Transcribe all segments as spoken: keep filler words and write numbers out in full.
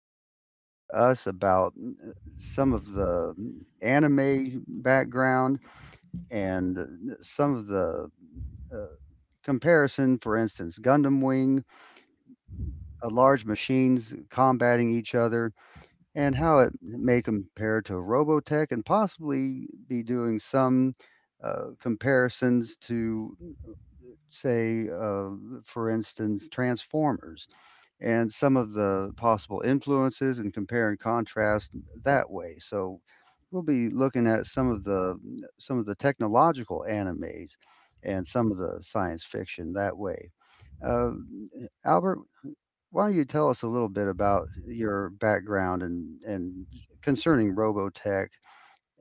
uh, talking to us about uh, some of the anime background and uh, some of the uh, comparison, for instance, Gundam Wing, uh, large machines combating each other, and how it may compare to Robotech, and possibly be doing some uh, comparisons to say, uh, for instance, Transformers and some of the possible influences and compare and contrast that way. So we'll be looking at some of the some of the technological animes and some of the science fiction that way. Uh, Albert, why don't you tell us a little bit about your background and and concerning Robotech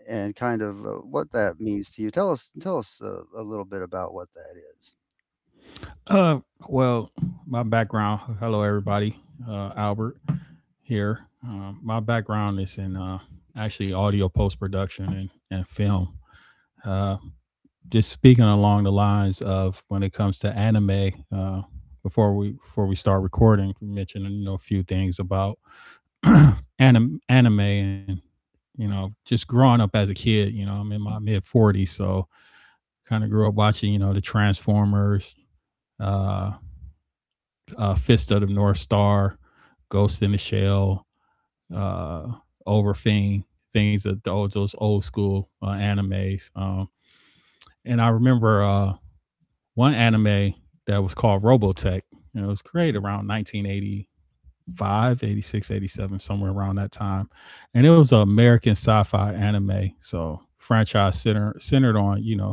and kind of uh, what that means to you? Tell us tell us a, a little bit about what that is. Uh, well, my background. Hello, everybody. Uh, Albert here. Um, my background is in uh, actually audio post production and, and film. Uh, just speaking along the lines of when it comes to anime. Uh, before we before we start recording, we mentioned you know a few things about anim- anime and you know just growing up as a kid. You know, I'm in my mid forties, so kind of grew up watching you know the Transformers. Uh, uh, Fist of the North Star, Ghost in the Shell, uh, Overfiend, things of those, those old school uh, animes. Um, and I remember uh, one anime that was called Robotech. And it was created around nineteen eighty-five, eighty-six, eighty-seven, somewhere around that time. And it was an American sci-fi anime, so franchise center, centered on you know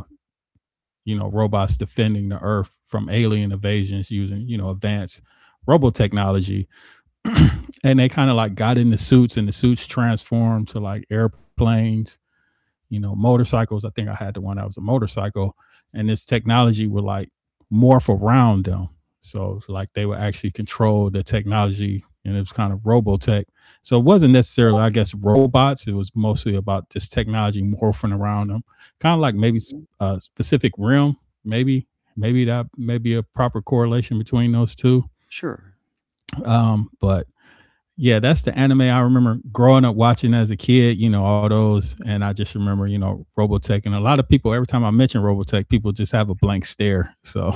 you know robots defending the Earth from alien invasions using you know advanced robot technology. Mm-hmm. And they kind of like got in the suits and the suits transformed to like airplanes, you know, motorcycles. I think I had the one that was a motorcycle and this technology would like morph around them. So like they would actually control the technology and it was kind of robotech. So it wasn't necessarily, I guess, robots. It was mostly about this technology morphing around them, kind of like maybe Mm-hmm. a specific rim, maybe, maybe that maybe a proper correlation between those two. Sure. Um, but yeah, that's the anime I remember growing up watching as a kid, you know, all those. And I just remember, you know, Robotech. And a lot of people, every time I mention Robotech, people just have a blank stare. So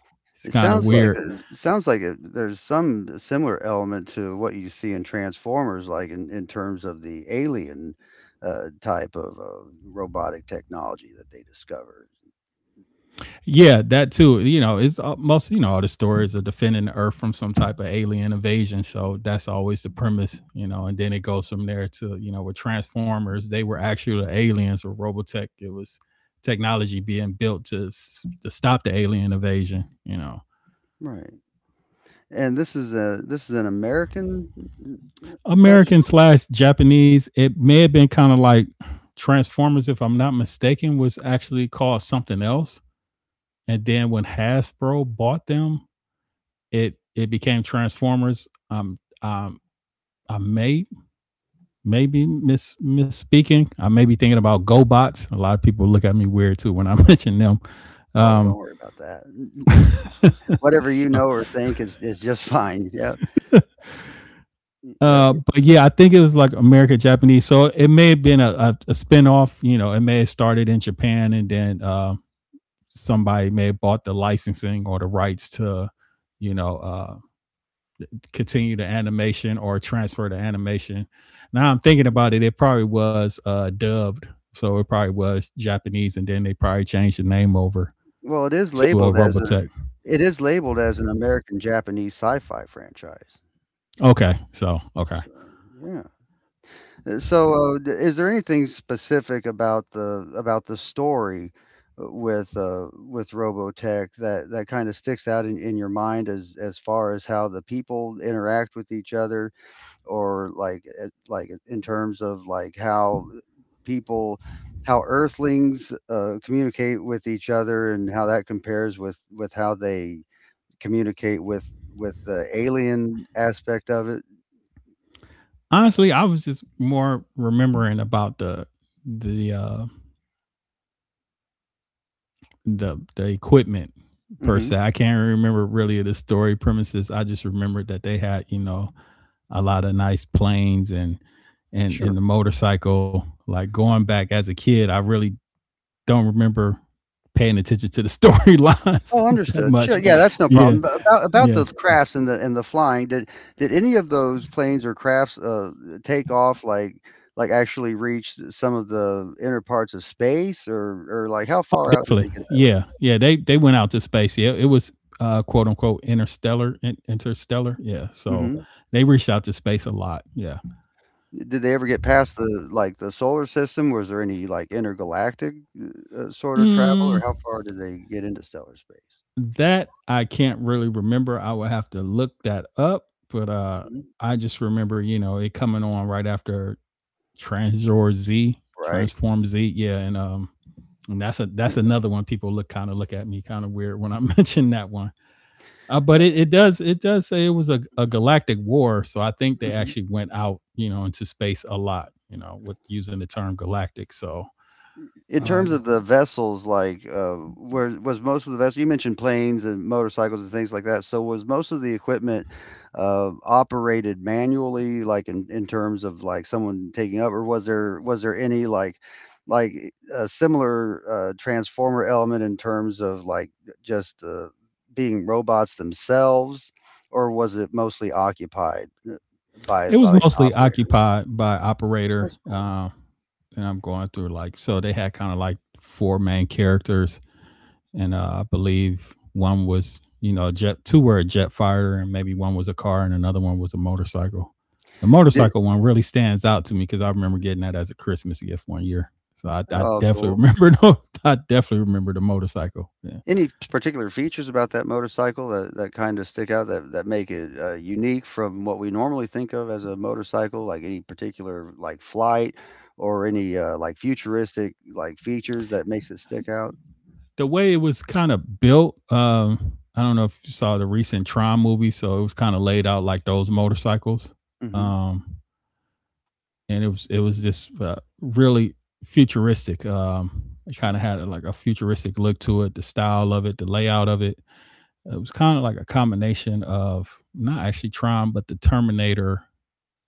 it's It kind of sounds like weird. there's it sounds like it there's some similar element to what you see in Transformers, like, in in terms of the alien, uh, type of of robotic technology that they discovered. Mhm. Yeah, that too. You know, it's all- most, you know, all the stories of defending the Earth from some type of alien invasion. Mhm. So that's always the premise, you know. And then it goes from there to, you know, with Transformers, they were actually aliens with Robotech. It was technology being built to, s- to stop the alien invasion, you know. Right. And this is a this is an American, uh, type. American slash Japanese. It may have been kind of like Transformers, if I'm not mistaken, was actually called something else. And then when Hasbro bought them, it it became Transformers. Um, um, I may maybe miss misspeaking. I may be thinking about GoBots. A lot of people look at me weird too when I mention them. Oh, don't Um, worry about that. N n Whatever you so, know or think is is just fine. Yep. Y yep, uh, y but yeah, I think it was like American Japanese. So it may have been a, a, a spin. You know, it may have started in Japan and then. Uh, somebody may have bought the licensing or the rights to, you know, uh, continue the animation or transfer the animation. Now I'm thinking Mhm. about it, it probably was uh, dubbed, so it probably was Japanese, and then they probably changed the name over Well, it is to uh, labeled as a Robotech. it is labeled as an American-Japanese sci-fi franchise. Okay, so okay. So, yeah. Uh, so, uh, d is there anything specific about the about the story, uh, with, uh, with Robotech that that kinda sticks out in in your mind as as far as how the people interact with each other? Or like uh, like in terms of like how people, how earthlings uh, communicate with each other and how that compares with with how they communicate with with the alien aspect of it. Honestly, I was just more remembering about the the uh, the the equipment per Hmm. se. I can't remember really the story premises. I just remembered that they had you know a lot of nice planes and and and Sure. the motorcycle. Like going back as a kid, I really don't remember paying attention to the storylines Oh, that understood. Sure, much. yeah, that's no Yeah, problem. But about about yeah, the crafts and the and the flying, did did any of those planes or crafts uh, take off like like actually reach some of the inner parts of space? or or like how Oh, far out did they definitely. get that Yeah, yeah. They they went out to space. Yeah, it was uh, quote unquote interstellar. in- Interstellar. Yeah. So way? they reached out to space a lot. Yeah. Did they ever get past the, like, the solar system? Was there any, like, intergalactic, uh, uh, sort of travel, or Mm, how far did they get into stellar space? That I can't really remember. I would have to look that up, but uh Mhm. I just remember, you know, it coming on right after Transor Z, Right. Transform Z. Yeah, and um and that's a that's Sure. another one people look kind of look at me kind of weird when I mention that one. Uh, but Yeah. it, it does it does say it was a, a galactic war, so I think they Mhm. actually went out, you know, into space a lot, you know, with using the term galactic. So In uh, terms of the vessels, like, uh, where was most of the vessels? You mentioned planes and motorcycles and things like that. So was most of the equipment uh, operated manually, like in, in terms of like someone taking up, or was there was there any like like a similar uh, transformer element in terms of like just uh, being robots themselves, or was it mostly occupied uh, by it by was like an mostly operator? occupied by operator. That's cool. Uh, and I'm going through like so they had kind of like four main characters, and uh, I believe one was you know a jet, two were a jet fighter, and maybe one was a car, and another one was a motorcycle. The Did, motorcycle one really stands out to me because I remember getting that as a Christmas gift one year. So I, I oh, definitely cool. remember. No, I definitely remember the motorcycle. Yeah. Any particular features about that motorcycle that, that kind of stick out, that, that make it uh, unique from what we normally think of as a motorcycle? Like any particular like flight or any uh, like futuristic like features that makes it stick out? The way it was kind of built. Um, I don't know if you saw the recent Tron movie, so it was kind of laid out like those motorcycles. Hmm. Um, and it was it was Mm. just uh, really futuristic. Um, it kind of Sure. had a, like a futuristic look to it, the style of it, the layout of it. It was kind of like a combination of not actually Tron, but the Terminator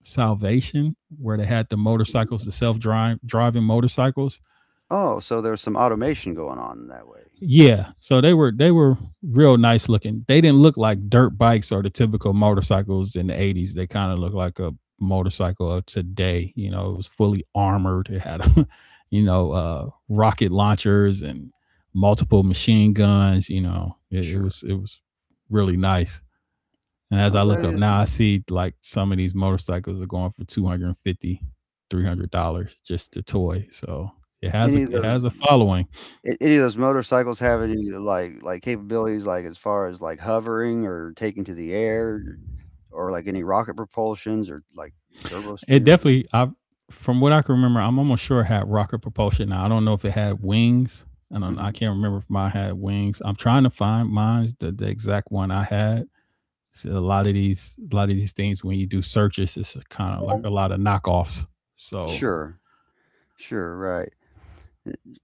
Salvation, where they had the Mhm. motorcycles, the self drive driving motorcycles. Oh, so there's some automation going on that way. Yeah. So they were they were real nice looking. They didn't look like dirt bikes or the typical motorcycles in the eighties. They kind of looked like a motorcycle of today. You know, it was fully armored. It had you know, uh rocket launchers and multiple machine guns, you know. It, it Sure. was it was really nice. And as Oh, I look up that. Well, now, I see like some of these motorcycles are going for two hundred and fifty, three hundred dollars just the toy. So it has a any of it has those. a following. A Any of those motorcycles have any, like like, capabilities, like, as far as, like, hovering or taking to the air or, like, any rocket propulsions or, like, turbo speed It or anything? definitely, I from what I can remember, I'm almost sure it had rocket propulsion. Now I don't know if it had wings. I don't. I Mhm. can't remember if mine had wings. I'm trying to find mine, the, the exact one I had. See, a lot of these, a lot of these things, when you do searches, it's kind of like Mhm. a lot of knockoffs. So Sure, sure, right.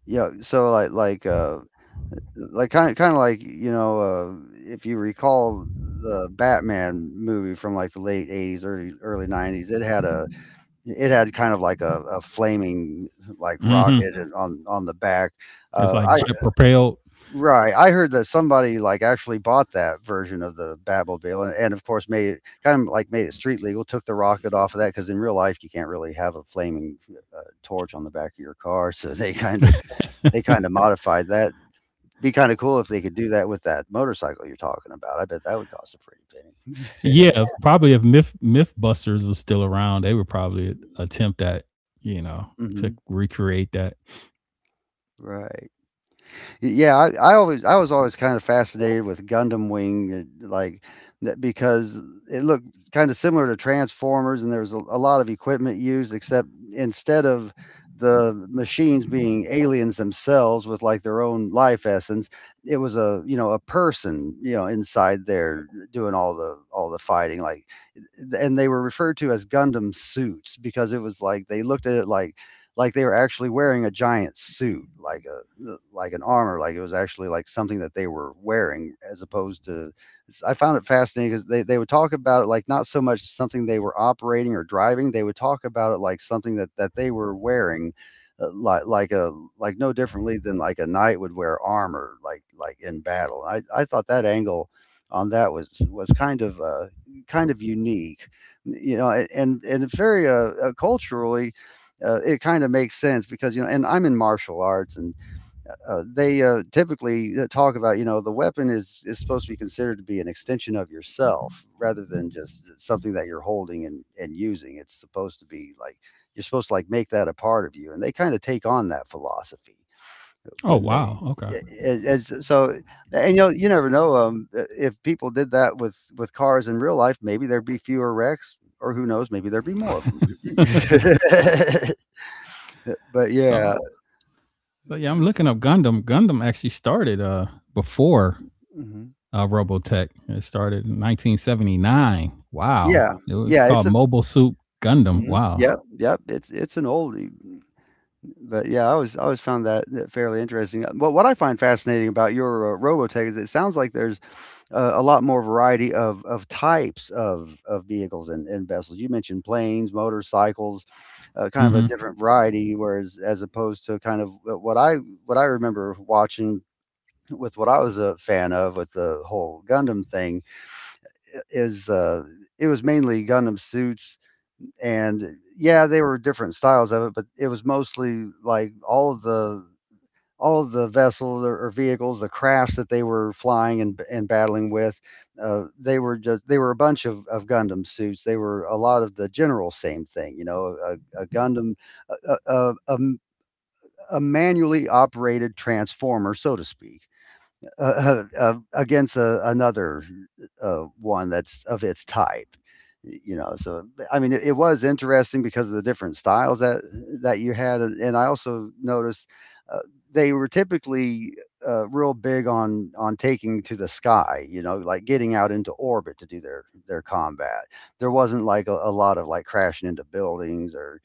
Yeah, so, like like, uh, like, kinda kinda like, you know, uh, if you recall the Batman movie from, like, the late eighties, early early nineties, it had a it had kind of like a a flaming, like, hmm rocket and on on the back. it's Uh, like jet propelled. Right. I heard that somebody like actually bought that version of the Batmobile and, and of course made it kind of like made it street legal, took the rocket off of that because in real life you can't really have a flaming uh, torch on the back of your car. So they kind of they kind of modified that. Be kind of cool if they could do that with that motorcycle you're talking about. I bet that would cost a pretty penny. Yeah, if- probably if Myth MythBusters was still around, they would probably attempt that. You know, to Hmm. recreate that. Right. Yeah, I, I always, I was always kind of fascinated with Gundam Wing, uh, like that because it looked kind of similar to Transformers, and there was a, a lot of equipment used, except instead of the machines being aliens themselves with like their own life essence, it was a, you know, a person, you know, inside there doing all the all the fighting. Like, and they were referred to as Gundam suits because it was like they looked at it like like they were actually wearing a giant suit, like a like an armor, like it was actually like something that they were wearing, as opposed to. I found it fascinating because they they would talk about it like not so much something they were operating or driving. They would talk about it like something that that they were wearing, uh, like like a, like no differently than like a knight would wear armor, like like in battle. I I thought that angle on that was was kind of uh, kind of unique, you know, and and very uh, uh, culturally. Uh, it kind of makes sense because, you know, and I'm in martial arts, and uh, they uh, typically uh, talk about, you know, the weapon is is supposed to be considered to be an extension of yourself rather than just something that you're holding and and using. It's supposed to be like you're supposed to like make that a part of you, and they kind of take on that philosophy Oh when they. wow, okay. Yeah, it, it's so. And you know you never know, um uh, if people did that with with cars in real life, maybe there'd be fewer wrecks, or who knows, maybe there'd be more of them. But yeah. So So yeah, I'm looking up Gundam. Gundam actually started uh before Mhm. uh Robotech. It started in nineteen seventy-nine. Wow. Yeah, It was yeah, it's called a. Mobile Suit Gundam. Mhm, Wow. yep, yep, it's it's an oldie. But yeah, I was, I always found that, that fairly interesting. Uh, But what I find fascinating about your uh, Robotech is it sounds like there's uh, a lot more variety of of types of of vehicles and, and vessels. You mentioned planes, motorcycles, uh, kind of Mm-hmm. a different variety, whereas as opposed to kind of what I what I remember watching with what I was a fan of with the whole Gundam thing is, uh, it was mainly Gundam suits, and yeah, they were different styles of it, but it was mostly like all of the all of the vessels or, or vehicles, the crafts that they were flying and, and battling with, uh, they were just they were a bunch of, of Gundam suits. They were a lot of the general same thing, you know, a, a Gundam, a, a, a, a manually operated transformer, so to speak, uh, uh, uh, against a, another uh, one that's of its type. You know, so I mean, it, it was interesting because of the different styles that that you had, and I also noticed uh, they were typically uh, real big on on taking to the sky. You know, like getting out into orbit to do their their combat. There wasn't like a, a lot of like crashing into buildings or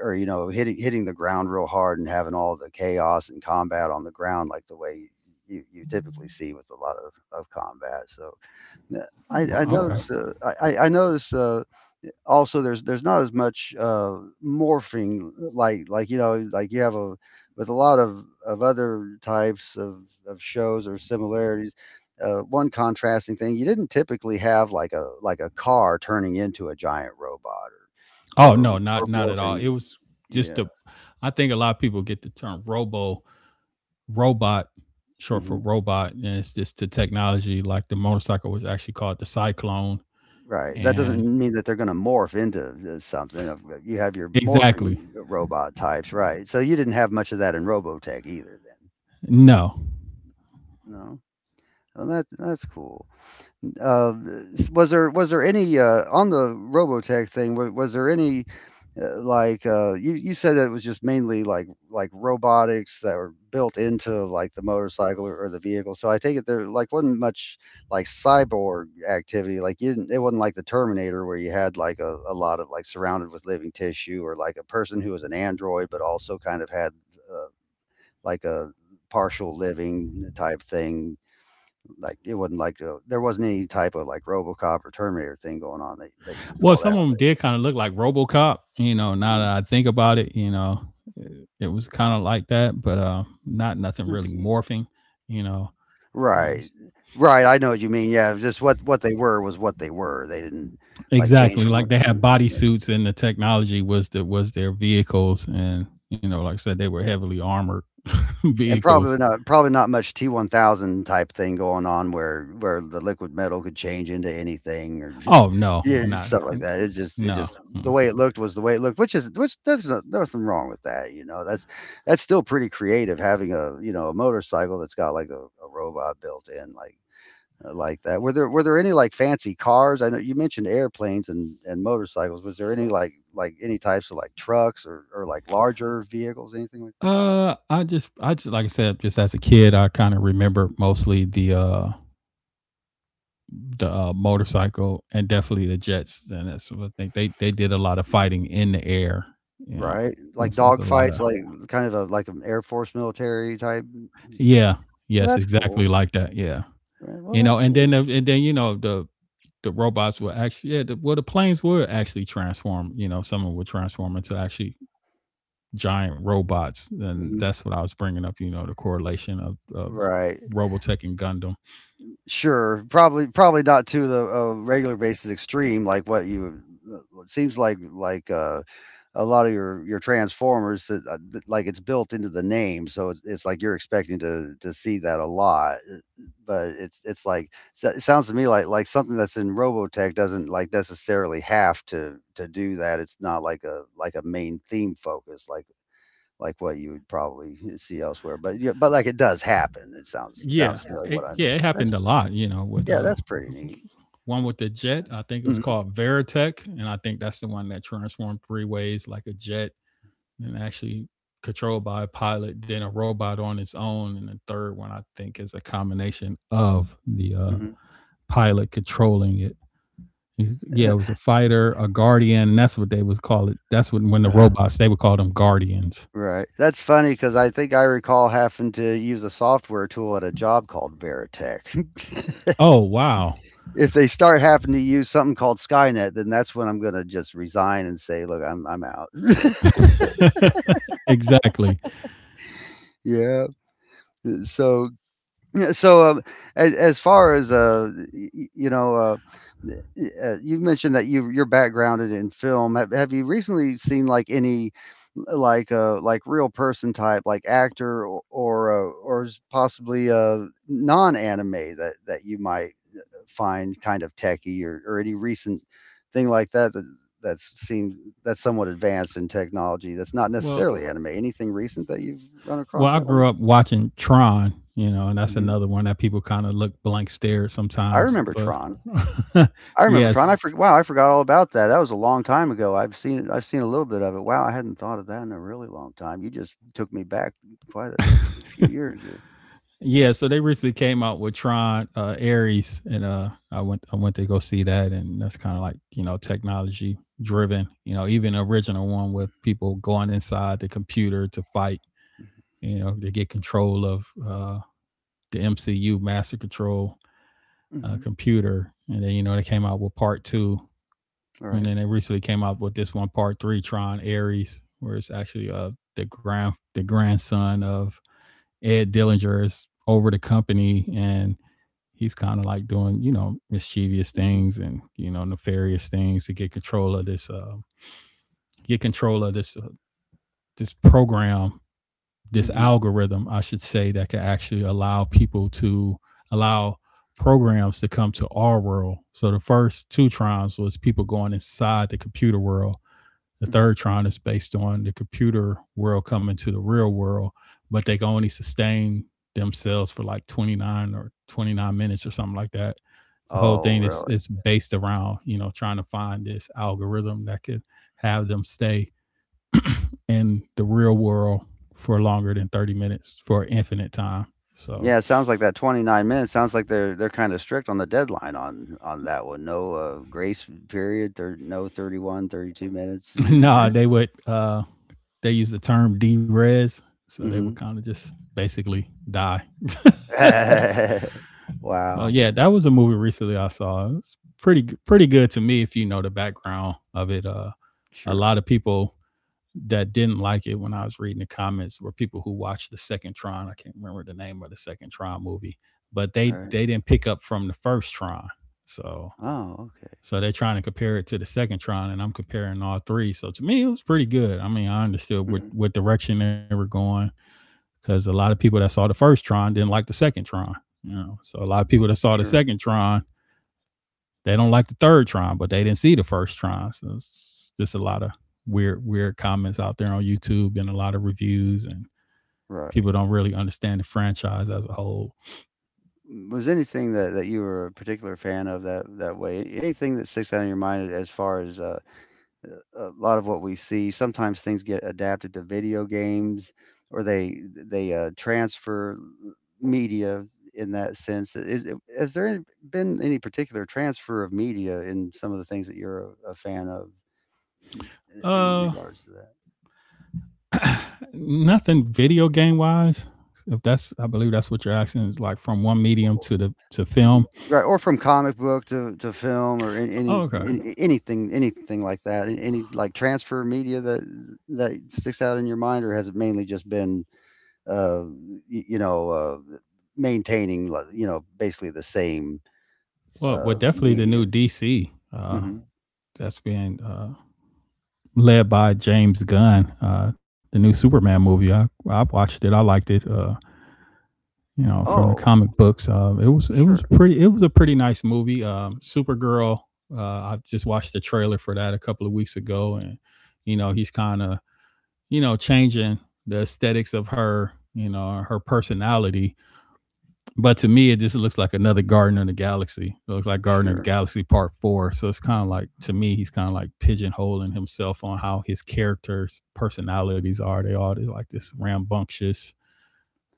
or you know, hitting hitting the ground real hard and having all the chaos and combat on the ground like the way you, you typically see with a lot of, of combat. So yeah, I, Well, I okay. notice uh, I, I notice uh, also there's there's not as much uh, morphing uh, like like you know, like you have a with a lot of of other types of of shows or similarities. Uh, one contrasting thing, you didn't typically have like a like a car turning into a giant robot Oh or or, no, not or not at all. morphing. It was just Yeah. the. I think a lot of people get the term Robo robot, short for Hmm. robot, and it's just the technology. Like the motorcycle was actually called the Cyclone, Right. That and doesn't mean that they're going to morph into th- something. Of- uh, You have your exactly. morphing robot types, right? So you didn't have much of that in Robotech either, then. No, No. Well, that that's cool. Uh, was there was there any uh, on the Robotech thing? Was, was there any uh, like uh, you, you said that it was just mainly like like robotics that were built into like the motorcycle or, or the vehicle. So I take it there like wasn't much like cyborg activity. Like you didn't, it wasn't like the Terminator where you had like a, a lot of like surrounded with living tissue or like a person who was an android but also kind of had uh, like a partial living type thing, like it wasn't like a, there wasn't any type of like RoboCop or Terminator thing going on that that you well, recall that. some of them did kind of look like RoboCop. You know, now Mhm. that I think about it, you know, it, it was kind of like that, but uh, not nothing I really see. morphing. You know, uh, Right, s- right. I know what you mean. Yeah, it was just what what they were was what they were. They didn't like change exactly from like what they they. had body suits, and the technology was the, was their vehicles, and you know, like I said, they were heavily armored and vehicles. probably not probably not much T one thousand type thing going on where where the liquid metal could change into anything, or Oh no, yeah, not stuff like that. it's just it no. just the Mm. way it looked was the way it looked, which is which there's no, nothing wrong with that you know that's that's still pretty creative, having a you know a motorcycle that's got like a, a robot built in, like uh, like that. Were there were there any like fancy cars? I know you mentioned airplanes and and motorcycles. Was there any like like any types of like trucks or or like larger vehicles, anything like that? Uh, I just, I just, like I said, just as a kid, I kind of remember mostly the, uh, the uh, motorcycle and definitely the jets. And that's what I think they, they did a lot of fighting in the air. You know, Right, like there's, there's a lot dogfights, of, like, mm, kind of a like an Air Force military type mm, mm, mm. yeah, Well, yes, that's exactly cool, like that. Yeah. right, well, You know, that's and then, neat, the- and then, you know, the, the robots were actually, yeah, the, well, the planes were actually transformed. You know, some of them would transform into actually giant robots, and mhm, that's what I was bringing up. You know, the correlation of of right, Robotech and Gundam. sure, probably probably not to the, uh, regular basis extreme like what you uh, Well, it seems like like, uh, a lot of your your Transformers that, uh, th like, it's built into the name, so it's it's like you're expecting to to see that a lot. But it's it's like, so it sounds to me like like something that's in Robotech doesn't like necessarily have to to do that. It's not like a like a main theme focus like like what you would probably see elsewhere. But yeah, but like it does happen. It sounds sounds Yeah, to me like what it, I'm. yeah, it That's happened a pretty, lot. You know, with yeah, uh, that's pretty neat. one with the jet. I think it was Hmm. called Veritech, and I think that's the one that transformed three ways like a jet and actually controlled by a pilot, then a robot on its own, and the third one I think is a combination of the uh, Hmm. pilot controlling it. Yeah, it was a fighter, a guardian, and that's what they would call it. That's what when the uh robots they would call them guardians. Right. That's funny, because I think I recall having to use a software tool at a job called Veritech. Oh wow, If they start having to use something called Skynet, then that's when I'm going to just resign and say, look, I'm I'm out. exactly. Yeah. So yeah, so um, as, as far as uh you know uh, uh you mentioned that you you're backgrounded in film. Have, have you recently seen like any like uh like real person type like actor or or, uh, or possibly uh non anime that that you might find kind of techy, or, or any recent thing like that that that's seen, that's somewhat advanced in technology, that's not Well, necessarily anime. Anything recent that you've run across well, I that one? grew up watching Tron, you know, and that's Hmm. another one that people kind of look blank stare at I sometimes. remember But Tron. I remember Tron. I yes, forgot. Wow, I forgot all about that. That was a long time ago. I've seen it. I've seen a little bit of it. Wow, I hadn't thought of that in a really long time. You just took me back quite a few years there. Yeah, so they recently came out with Tron uh, Ares, and uh, I went I went to go see that, and that's kind of like you know technology driven. You know, even the original one with people going inside the computer to fight. You know, they get control of uh, the M C U Master Control Mm-hmm. uh, Mm-hmm. computer, and then you know they came out with Part Two, All and right. then they recently came out with this one Part Three, Tron Ares, where it's actually uh the grand the grandson of Ed Dillinger is over the company, and he's kind of like doing you know mischievous Mm-hmm. things and you know nefarious things to get control of this uh, get control of this uh, this program this Mm-hmm. algorithm, I should say, that can actually allow people to allow programs to come to our world. So the first two trials was people going inside the computer world. The third Hmm. Tron is based on the computer world coming to the real world, but they can only sustain themselves for like twenty-nine or twenty-nine minutes or something like that. The whole Oh, thing is really? is based around, you know, trying to find this algorithm that could have them stay in the real world for longer than thirty minutes for infinite time. So Yeah, it sounds like that twenty-nine minutes sounds like they're they're kind of strict on the deadline on on that one. No, uh, grace period. There no thirty one, thirty two thirty-two no, minutes. they would uh they use the term D res. So they would Hmm. kind of just basically die. So Wow. yeah, that was a movie recently I saw. It was pretty g- pretty good to me if you know the background of it. Uh, a Sure. lot of people that didn't like it when I was reading the comments were people who watched the second Tron. I can't remember the name of the second Tron movie, but All they right. they didn't pick up from the first Tron. So Oh, okay. so they're trying to compare it to the second Tron, and I'm comparing all three. So to me, it was pretty good. I mean, I understood what Hmm. what direction they were going, because a lot of people that saw the first Tron didn't like the second Tron. You know, so a lot of people that saw the Sure. second Tron, they don't like the third Tron, but they didn't see the first Tron. So it's just a lot of weird, weird comments out there on YouTube and a lot of reviews, and Right. people don't really understand the franchise as a whole. Was anything that that you were a particular fan of that that way? Anything that sticks out in your mind as far as, uh, a lot of what we see. Sometimes things get adapted to video games, or they they uh, transfer media in that sense. Is has there any- been any particular transfer of media in some of the things that you're a, a fan of in Uh, regards to that? Nothing video game wise. If that's, I believe that's what you're asking, is like from one medium to the to Y- film. Right, or from comic book to, to film, or any, any Oh, okay. any- anything anything like that. Any like transfer media that that sticks out in your mind, or has it mainly just been uh, y- you know, uh, maintaining, like, you know, basically the same Well, well, uh, definitely the new media. D C. Uh, hmm. Mm. That's being uh led by James Gunn. Uh, the new Superman movie. I I watched it. I liked it. Uh, you know, from the Oh, comic books. Uh, it was it was sure, pretty it was a pretty nice movie. Um, Supergirl. Uh, I just watched the trailer for that a couple of weeks ago, and you know he's kind of you know changing the aesthetics of her, you know, her personality. But to me, it just looks like another Garden of the Galaxy. It looks like Garden of the sure. Galaxy Part Four. So it's kind of like, to me, he's kind of like Mm, pigeonholing himself on how his characters' personalities are. They all they like this rambunctious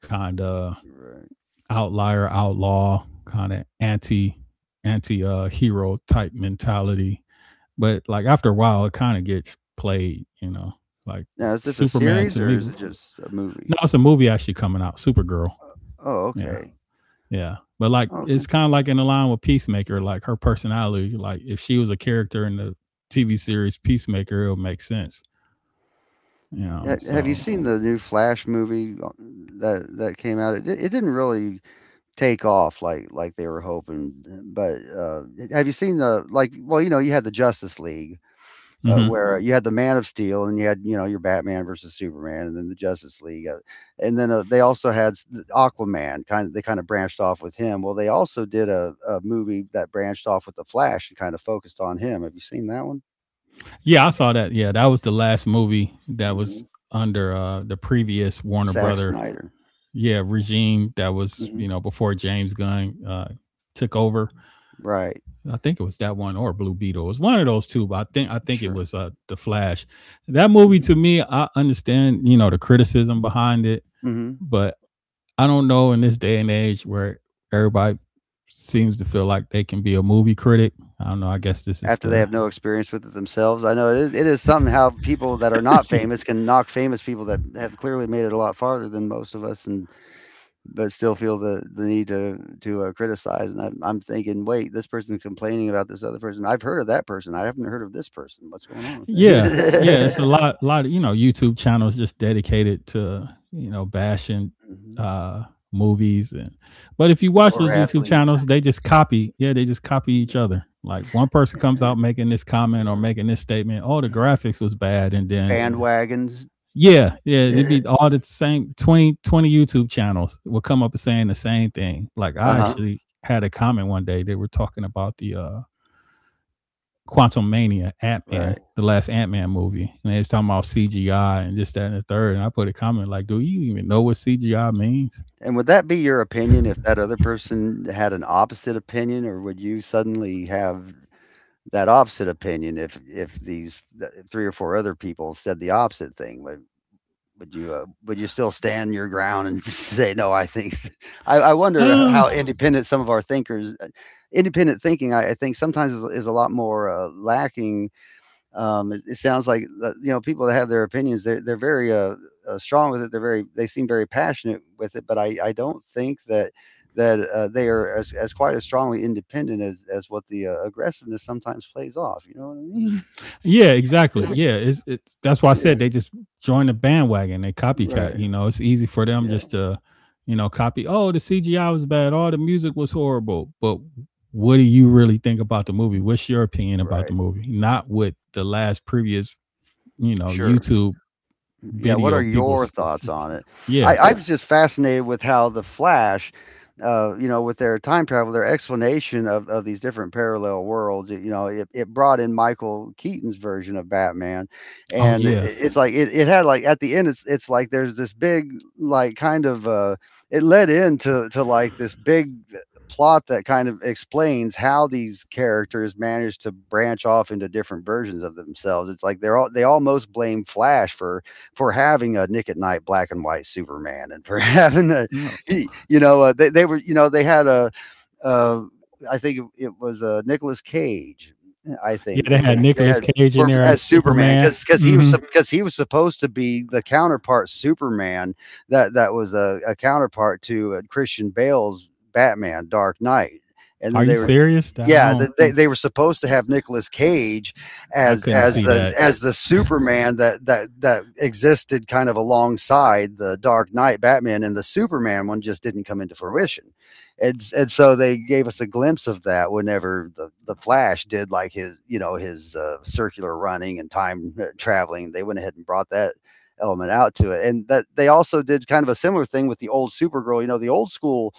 kind of right. outlier outlaw kind of anti anti uh hero type mentality, but like after a while it kind of gets played you know Like Now, is this a Superman to series or me. is No, it just a movie? it's a movie actually coming out. Supergirl, Oh, yeah, okay. yeah. But like Oh, it's kind of fantastic. like in the line with Peacemaker, like her personality. Like if she was a character in the TV series Peacemaker, it would make sense, you know Have you so seen the new Flash movie uh, that that came out? It, di- it didn't really take off like like they were hoping, but uh, have you seen the like? Well, you know, you had the Justice League, uh, Mhm. where you had the Man of Steel and you had you know your Batman versus Superman, and then the Justice League, uh, and then uh, they also had Aquaman. Kind of they kind of branched off with him. Well, they also did a, a movie that branched off with the Flash and kind of focused on him. Have you seen that one? Yeah, I saw that. Yeah, that was the last movie that was Hmm. under uh the previous Warner Zack No. Brother, Snyder. yeah, regime. That was, you Hmm. know before James Gunn uh, took over. Right. I think it was that one or Blue Beetle. It was one of those two, but I think I think it Sure. was uh, the Flash. That movie Hmm. to me, I understand you know the criticism behind it, Hmm. but I don't know. In this day and age where everybody seems to feel like they can be a movie critic, I don't know. I guess this is After they the. have no experience with it themselves, I know it is. It is something, how people that are not famous can knock famous people that have clearly made it a lot farther than most of us, and but still feel the, the need to to uh, criticize. And I'm, I'm thinking, wait, this person's complaining about this other person. I've heard of that person. I haven't heard of this person. What's going on? Yeah, yeah, it's a lot lot of, you know, YouTube channels just dedicated to, you know, bashing Yeah. Mhm. uh movies. And but if you watch Or those YouTube athletes, channels, they just copy. Yeah, they just copy each other. Like one person comes out making this comment or making this statement, "Oh, the graphics was bad." And then, bandwagons. yeah, yeah, it'd uh be all the same Twenty twenty YouTube channels will come up and saying the same thing. Like I huh. actually had a comment one day they were talking about the uh Quantumania, Ant Man, Right. the last Ant Man movie, and they was talking about C G I and this, that, and the third. And I put a comment like, "Do you even know what C G I means?" And would that be your opinion if that other person had an opposite opinion, or would you suddenly have that opposite opinion if if these th- three or four other people said the opposite thing? But Would you uh, would you still stand your ground and say no? I think I, I wonder um, how independent some of our thinkers, uh, independent thinking, I, I think sometimes is, is a lot more, uh, lacking. Um, it, it sounds like, uh, you know people that have their opinions, they're they're very, uh, uh, strong with it. They're very they seem very passionate with it, but I, I don't think that that uh, they are as, as quite as strongly independent as, as what the uh, aggressiveness sometimes plays off. You know what I yeah, exactly. mean? Yeah, it's, it's that's why I Yeah. said they just join the bandwagon. They copycat. Right. You know, it's easy for them Yeah. just to, you know, copy. Oh, the C G I was bad. Oh, the music was horrible. But what do you really think about the movie? What's your opinion about the Right. movie? Not what the last previous, you know, Sure. YouTube Yeah, what video are your people's. thoughts on it? Yeah. I, I was just fascinated with how the Flash, uh, you know, with their time travel, their explanation of, of these different parallel worlds. It, you know, it, it brought in Michael Keaton's version of Batman. Oh, And it, yeah. it's like, it, it had like, at the end, it's, it's like there's this big, like, kind of, uh, it led into to like this big plot that kind of explains how these characters manage to branch off into different versions of themselves. It's like they're all, they almost blame Flash for for having a Nick at Night black and white Superman, and for having a, Mm. you know, uh, they, they were, you know, they had a, uh, I think it was uh, Nicholas Cage. I Yeah. think They that had they, they Nicolas had Cage in for, there as as Superman, Superman. because because he was Hmm. because he was supposed to be the counterpart Superman that that was a, a counterpart to uh, Christian Bale's Batman Dark Knight, and Are then you they were. serious? I Yeah, don't. th- they, they were supposed to have Nicolas Cage I as couldn't as see the that. as the Superman that that that existed kind of alongside the Dark Knight Batman, and the Superman one just didn't come into fruition, and and so they gave us a glimpse of that whenever the the Flash did like his you know his uh, circular running and time uh, traveling. They went ahead and brought that element out to it, and that they also did kind of a similar thing with the old Supergirl. You know, the old school,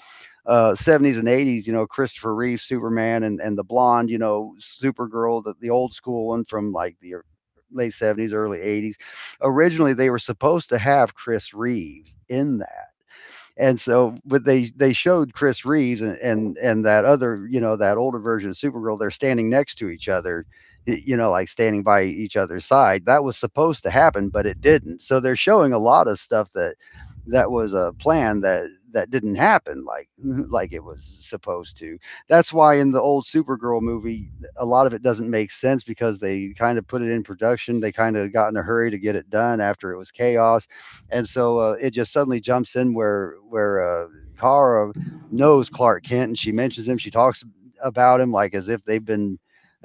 uh, seventies and eighties. You know, Christopher Reeve Superman and and the blonde. You know, Supergirl, the, the old school one from like the late seventies early eighties. Originally they were supposed to have Chris Reeves in that, and so but they they showed Chris Reeves, and, and and that other, you know that older version of Supergirl, they're standing next to each other, you know like standing by each other's side. That was supposed to happen, but it didn't, so they're showing a lot of stuff that that was a plan, that that didn't happen, like like it was supposed to. That's why in the old Supergirl movie a lot of it doesn't make sense, because they kind of put it in production. They kind of got in a hurry to get it done, after it was chaos, and so, uh, it just suddenly jumps in where where uh, Kara knows Clark Kent, and she mentions him. She talks about him like as if they've been,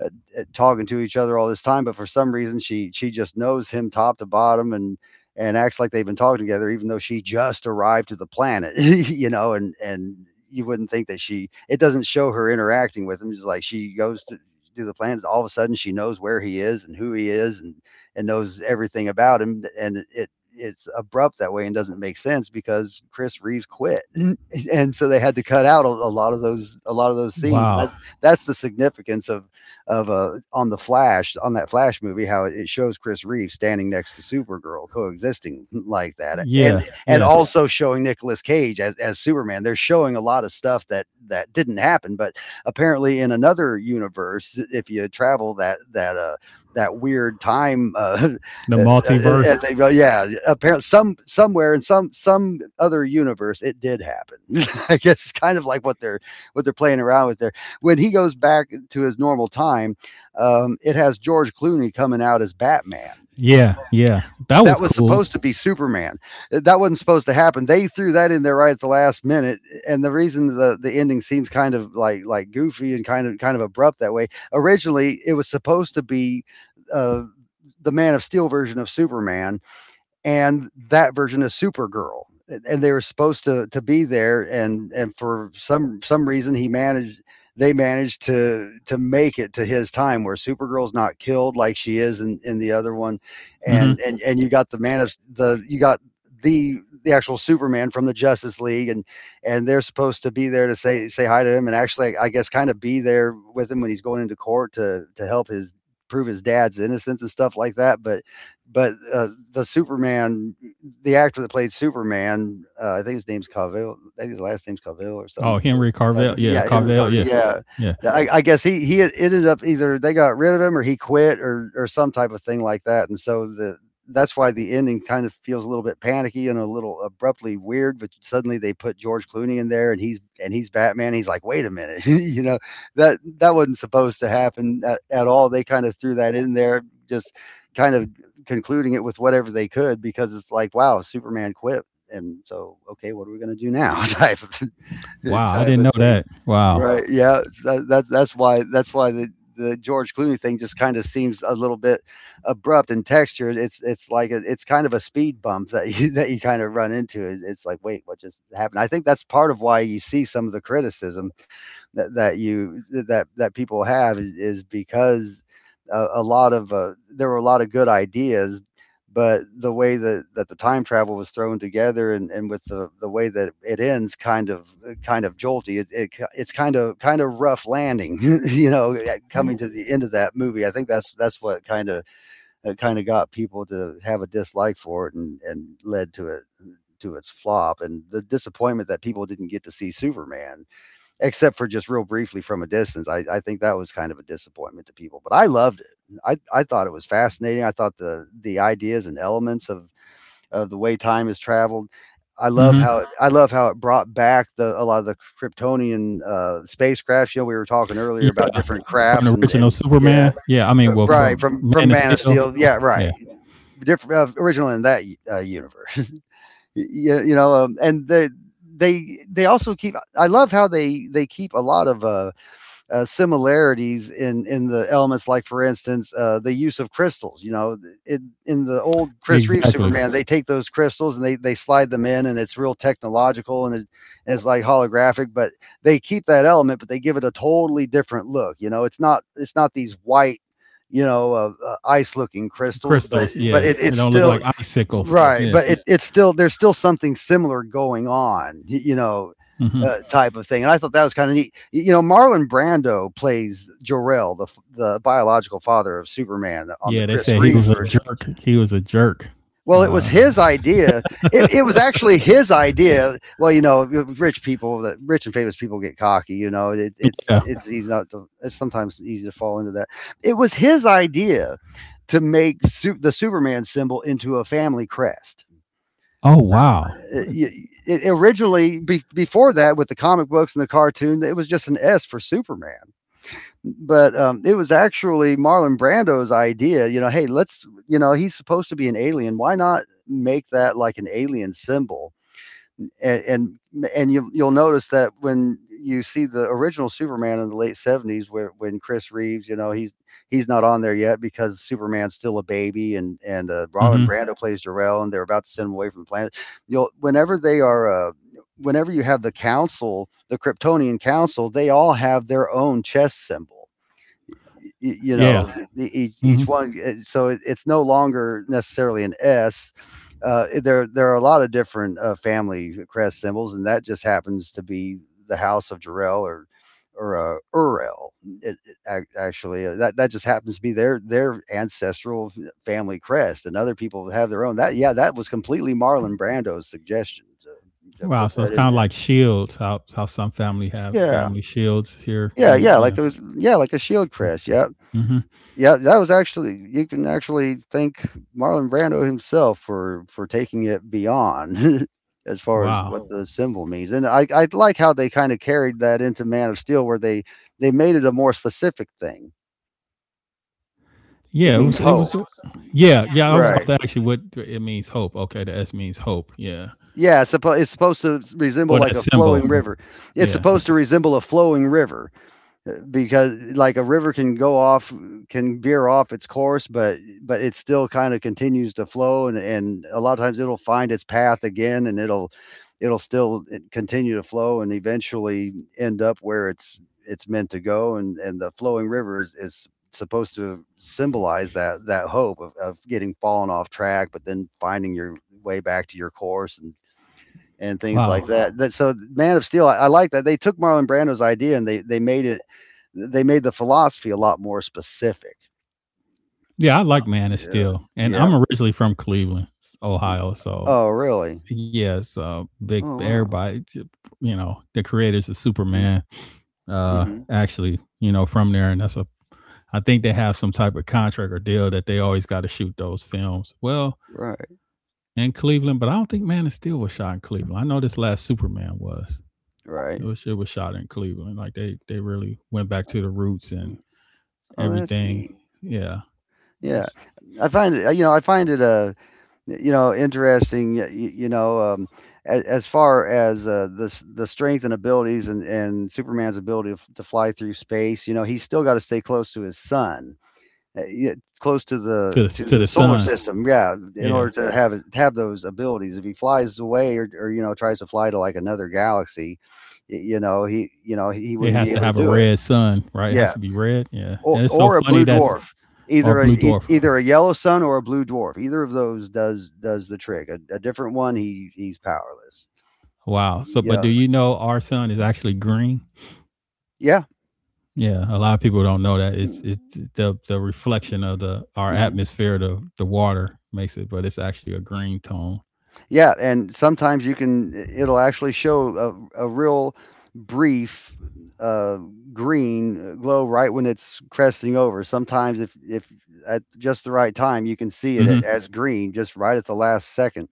uh, uh, talking to each other all this time, but for some reason she she just knows him top to bottom, and and acts like they've been talking together, even though she just arrived to the planet. you know, and and you wouldn't think that, she it doesn't show her interacting with him. It's like she goes to do the planet. All of a sudden she knows where he is and who he is, and and knows everything about him. And it it's abrupt that way and doesn't make sense, because Chris Reeves quit, and so they had to cut out a, a lot of those, a lot of those scenes. And Wow. that's that's the significance of of uh, on the Flash, on that Flash movie, how it, it shows Chris Reeves standing next to Supergirl coexisting like that, and Yeah, and yeah. also showing Nicolas Cage as as Superman. They're showing a lot of stuff that that didn't happen, but apparently in another universe, if you travel that that uh that weird time. Uh, The uh, uh, multiverse. uh, uh, yeah, apparently some somewhere in some some other universe it did happen. I guess it's kind of like what they're what they're playing around with there. When he goes back to his normal time, um, it has George Clooney coming out as Batman Yeah, yeah. That that was was supposed cool. to be Superman. That wasn't supposed to happen. They threw that in there right at the last minute, and the reason, the the ending seems kind of like like goofy and kind of kind of abrupt that way. Originally, it was supposed to be uh, the Man of Steel version of Superman, and that version of Supergirl, and they were supposed to to be there, and and for some some reason he managed they managed to to make it to his time, where Supergirl's not killed like she is in, in the other one. and Hmm. and and you got the man of the you got the the actual Superman from the Justice League, and and they're supposed to be there to say say hi to him, and actually, I guess, kind of be there with him when he's going into court, to to help his prove his dad's innocence and stuff like that, but but uh, the Superman, the actor that played Superman, uh, I think his name's Cavill. I think his last name's Cavill or Oh, something. Henry I Carvell. mean, Yeah, yeah, he was Carvell. covered. Yeah, Yeah, yeah. I, I guess he he had- ended up, either they got rid of him, or he quit, or or some type of thing like that, and so the that's why the ending kind of feels a little bit panicky and a little abruptly weird. But suddenly they put George Clooney in there, and he's and he's Batman. He's like, wait a minute, you know that that wasn't supposed to happen at, at all. They kind of threw that in there, just kind of concluding it with whatever they could, because it's like, wow, Superman quit. And so, okay, what are we going to do now? Type of Wow, I type didn't know of thing. that. Wow. Right. Yeah. Yeah. That, that's that's why that's why the the George Clooney thing just kind of seems a little bit abrupt in texture. It's it's like a, it's kind of a speed bump that you that you kind of run into. It's, it's like, wait, what just happened? I think that's part of why you see some of the criticism that, that you that that people have, is, is because a, a lot of uh, there were a lot of good ideas, but the way that, that the time travel was thrown together, and, and with the, the way that it ends, kind of kind of jolty, it, it it's kind of, kind of rough landing, you know coming to the end of that movie. I think that's that's what kind of uh, kind of got people to have a dislike for it, and, and led to it to its flop, and the disappointment that people didn't get to see Superman, except for just real briefly from a distance. I, I think that was kind of a disappointment to people, but I loved it. I, I thought it was fascinating. I thought the the ideas and elements of of the way time has traveled. I love Hmm. how it, I love how it brought back the a lot of the Kryptonian uh, spacecrafts. You know, we were talking earlier Yeah, about different from crafts, the and, original and yeah, Superman. Yeah, I mean, uh, well, right, from from from Man of Man of Steel. Steel. Yeah, right. Yeah, Different, uh, original in that, uh, universe. Yeah, you know, um, and they they they also keep. I love how they they keep a lot of, uh, uh, similarities in in the elements, like, for instance, uh, the use of crystals. You know it, in the old Chris Reeve exactly. Superman, they take those crystals and they, they slide them in, and it's real technological, and, it, and it's like holographic, but they keep that element, but they give it a totally different look. You know, it's not it's not these white, you know uh, uh, ice looking crystals, but Crystals. but Yeah, it, they it's don't look still, like icicles. Right, Yeah. but it, it's still there's still something similar going on, you know, Hmm. uh, type of thing. And I thought that was kind of neat. You know, Marlon Brando plays Jor-El, the the biological father of Superman on the Yeah, they Chris said he Reeve was a version. jerk. He was a jerk. Well, it was Uh, his idea. It, it was actually his idea. Well, you know, rich people, that rich and famous people get cocky. You know, it, it's yeah. it's easy not to, it's sometimes easy to fall into that. It was his idea to make su- the Superman symbol into a family crest. Oh wow. It, it originally be, before that, with the comic books and the cartoon, it was just an S for Superman. But um, it was actually Marlon Brando's idea. You know hey, let's, you know he's supposed to be an alien, why not make that like an alien symbol? And and, and, you, you'll notice that when you see the original Superman in the late seventies, where when Chris Reeves, you know, he's he's not on there yet, because Superman's still a baby, and and uh, Robin Hmm. Brando plays Jarrell, and they're about to send him away from the planet. You'll whenever they are. Uh, Whenever you have the council, the Kryptonian council, they all have their own chess symbol, y- you Yeah. know e- each each Hmm. one. Uh, so it, it's no longer necessarily an S. uh, there there are a lot of different, uh, family crest symbols, and that just happens to be the house of Jarrell, or or uh, Urel. It, it, ac- actually, uh, that that just happens to be their their ancestral family crest, and other people have their own. That, yeah, that was completely Marlon Brando's suggestion, to, to Wow. put So it's that in kind of there. like shields. How how some family have Yeah, family shields here, yeah, and yeah, you like it was, yeah, like a shield know. crest, yeah. Hmm. Yeah, that was actually, you can actually thank Marlon Brando himself for for taking it beyond, as far as Wow. what the symbol means. And I I like how they kind of carried that into Man of Steel, where they they made it a more specific thing. It Yeah. It means was. It hope. was. a- Yeah. Yeah. Yeah. I was about Right. to ask you what it means. Hope. Okay. The S means hope. Yeah. Yeah, it's supposed it's supposed to resemble Well, like that a symbol. flowing river. It's Yeah. supposed to resemble a flowing river. Uh, because like a river can go off can veer off its course, but but it still kind of continues to flow, and and a lot of times, it'll find its path again, and it'll it'll still, eh, continue to flow and eventually end up where it's it's meant to go. And and the flowing river is, is supposed to symbolize that that hope of, of getting fallen off track, but then finding your way back to your course, and and things like Wow. that. That so Man of Steel, I, I like that they took Marlon Brando's idea, and they they made it they made the philosophy a lot more specific. Yeah. I like Yeah. Manistee, and Yeah. I'm originally from Cleveland, Ohio. So Oh, really? yes, uh, big Oh, wow. everybody, t- you know, the creators of Mhm. Superman, uh, Mhm. actually, you know, from there, and that's a. I think they have some type of contract or deal that they always got to shoot those films. Well, Right. in Cleveland, but I don't think Man of Steel was shot in Cleveland. I know this last Superman was. It Right. was it was shot in Cleveland. Like they they really went back to the roots and Mm. Oh, that's everything. neat. Yeah, it Yeah. was I find it, you know, I find it, uh, you know, interesting, y- you know, um, as, as far as, uh, the s- the strength and abilities, and, and Superman's ability to f- to fly through space. You know, he's still got to stay close to his son, Uh, yeah, close to the to the to to the the solar sun. system. Yeah, in Yeah, order to have it- have those abilities, if he flies away, or, or you know tries to fly to like another galaxy, y- you know he, you know he it wouldn't be has to able to have a do it. red sun, right? It has Yeah, to be red. Yeah, or and it's so or a funny blue that. dwarf, Or either a blue e- dwarf. either a yellow sun or a blue dwarf. Either of those does does the trick. A, a different one, he he's powerless. Wow. So, but Yeah, do you know our sun is actually green? yeah. Yeah, a lot of people don't know that. It's Mm, it's the the reflection of mm. the our Mm-hmm. atmosphere, the the water makes it, but it's actually a green tone. Yeah, and sometimes you can it'll actually show a, a real brief, uh, green glow right when it's cresting over. Sometimes, if if at just the right time, you can see it, a- Hmm. as green, just right at the last second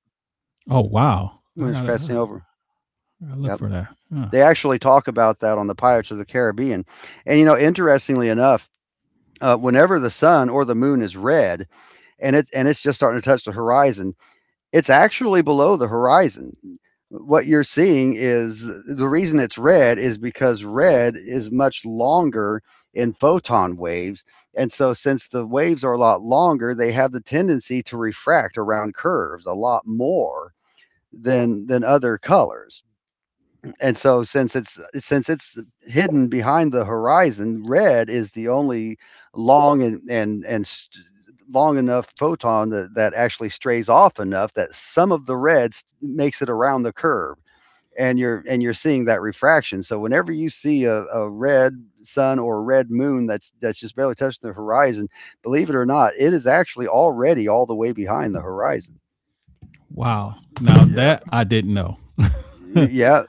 Oh wow! when I it's gotta, uh, cresting over. I gotta look Yep. for that. Huh. They actually talk about that on the Pirates of the Caribbean. And you know, interestingly enough, uh, whenever the sun or the moon is red, and it and it's just starting to touch the horizon, it's actually below the horizon. What you're seeing is, the reason it's red is because red is much longer in photon waves. And so, since the waves are a lot longer, they have the tendency to refract around curves a lot more than, than other colors. And so since it's since it's hidden behind the horizon, red is the only long and and and st- long enough photon that, that actually strays off enough that some of the red st- makes it around the curve, and you're and you're seeing that refraction. So whenever you see a, a red sun or a red moon that's that's just barely touching the horizon, believe it or not, it is actually already all the way behind the horizon. Wow. Now Yeah, that I didn't know. yeah,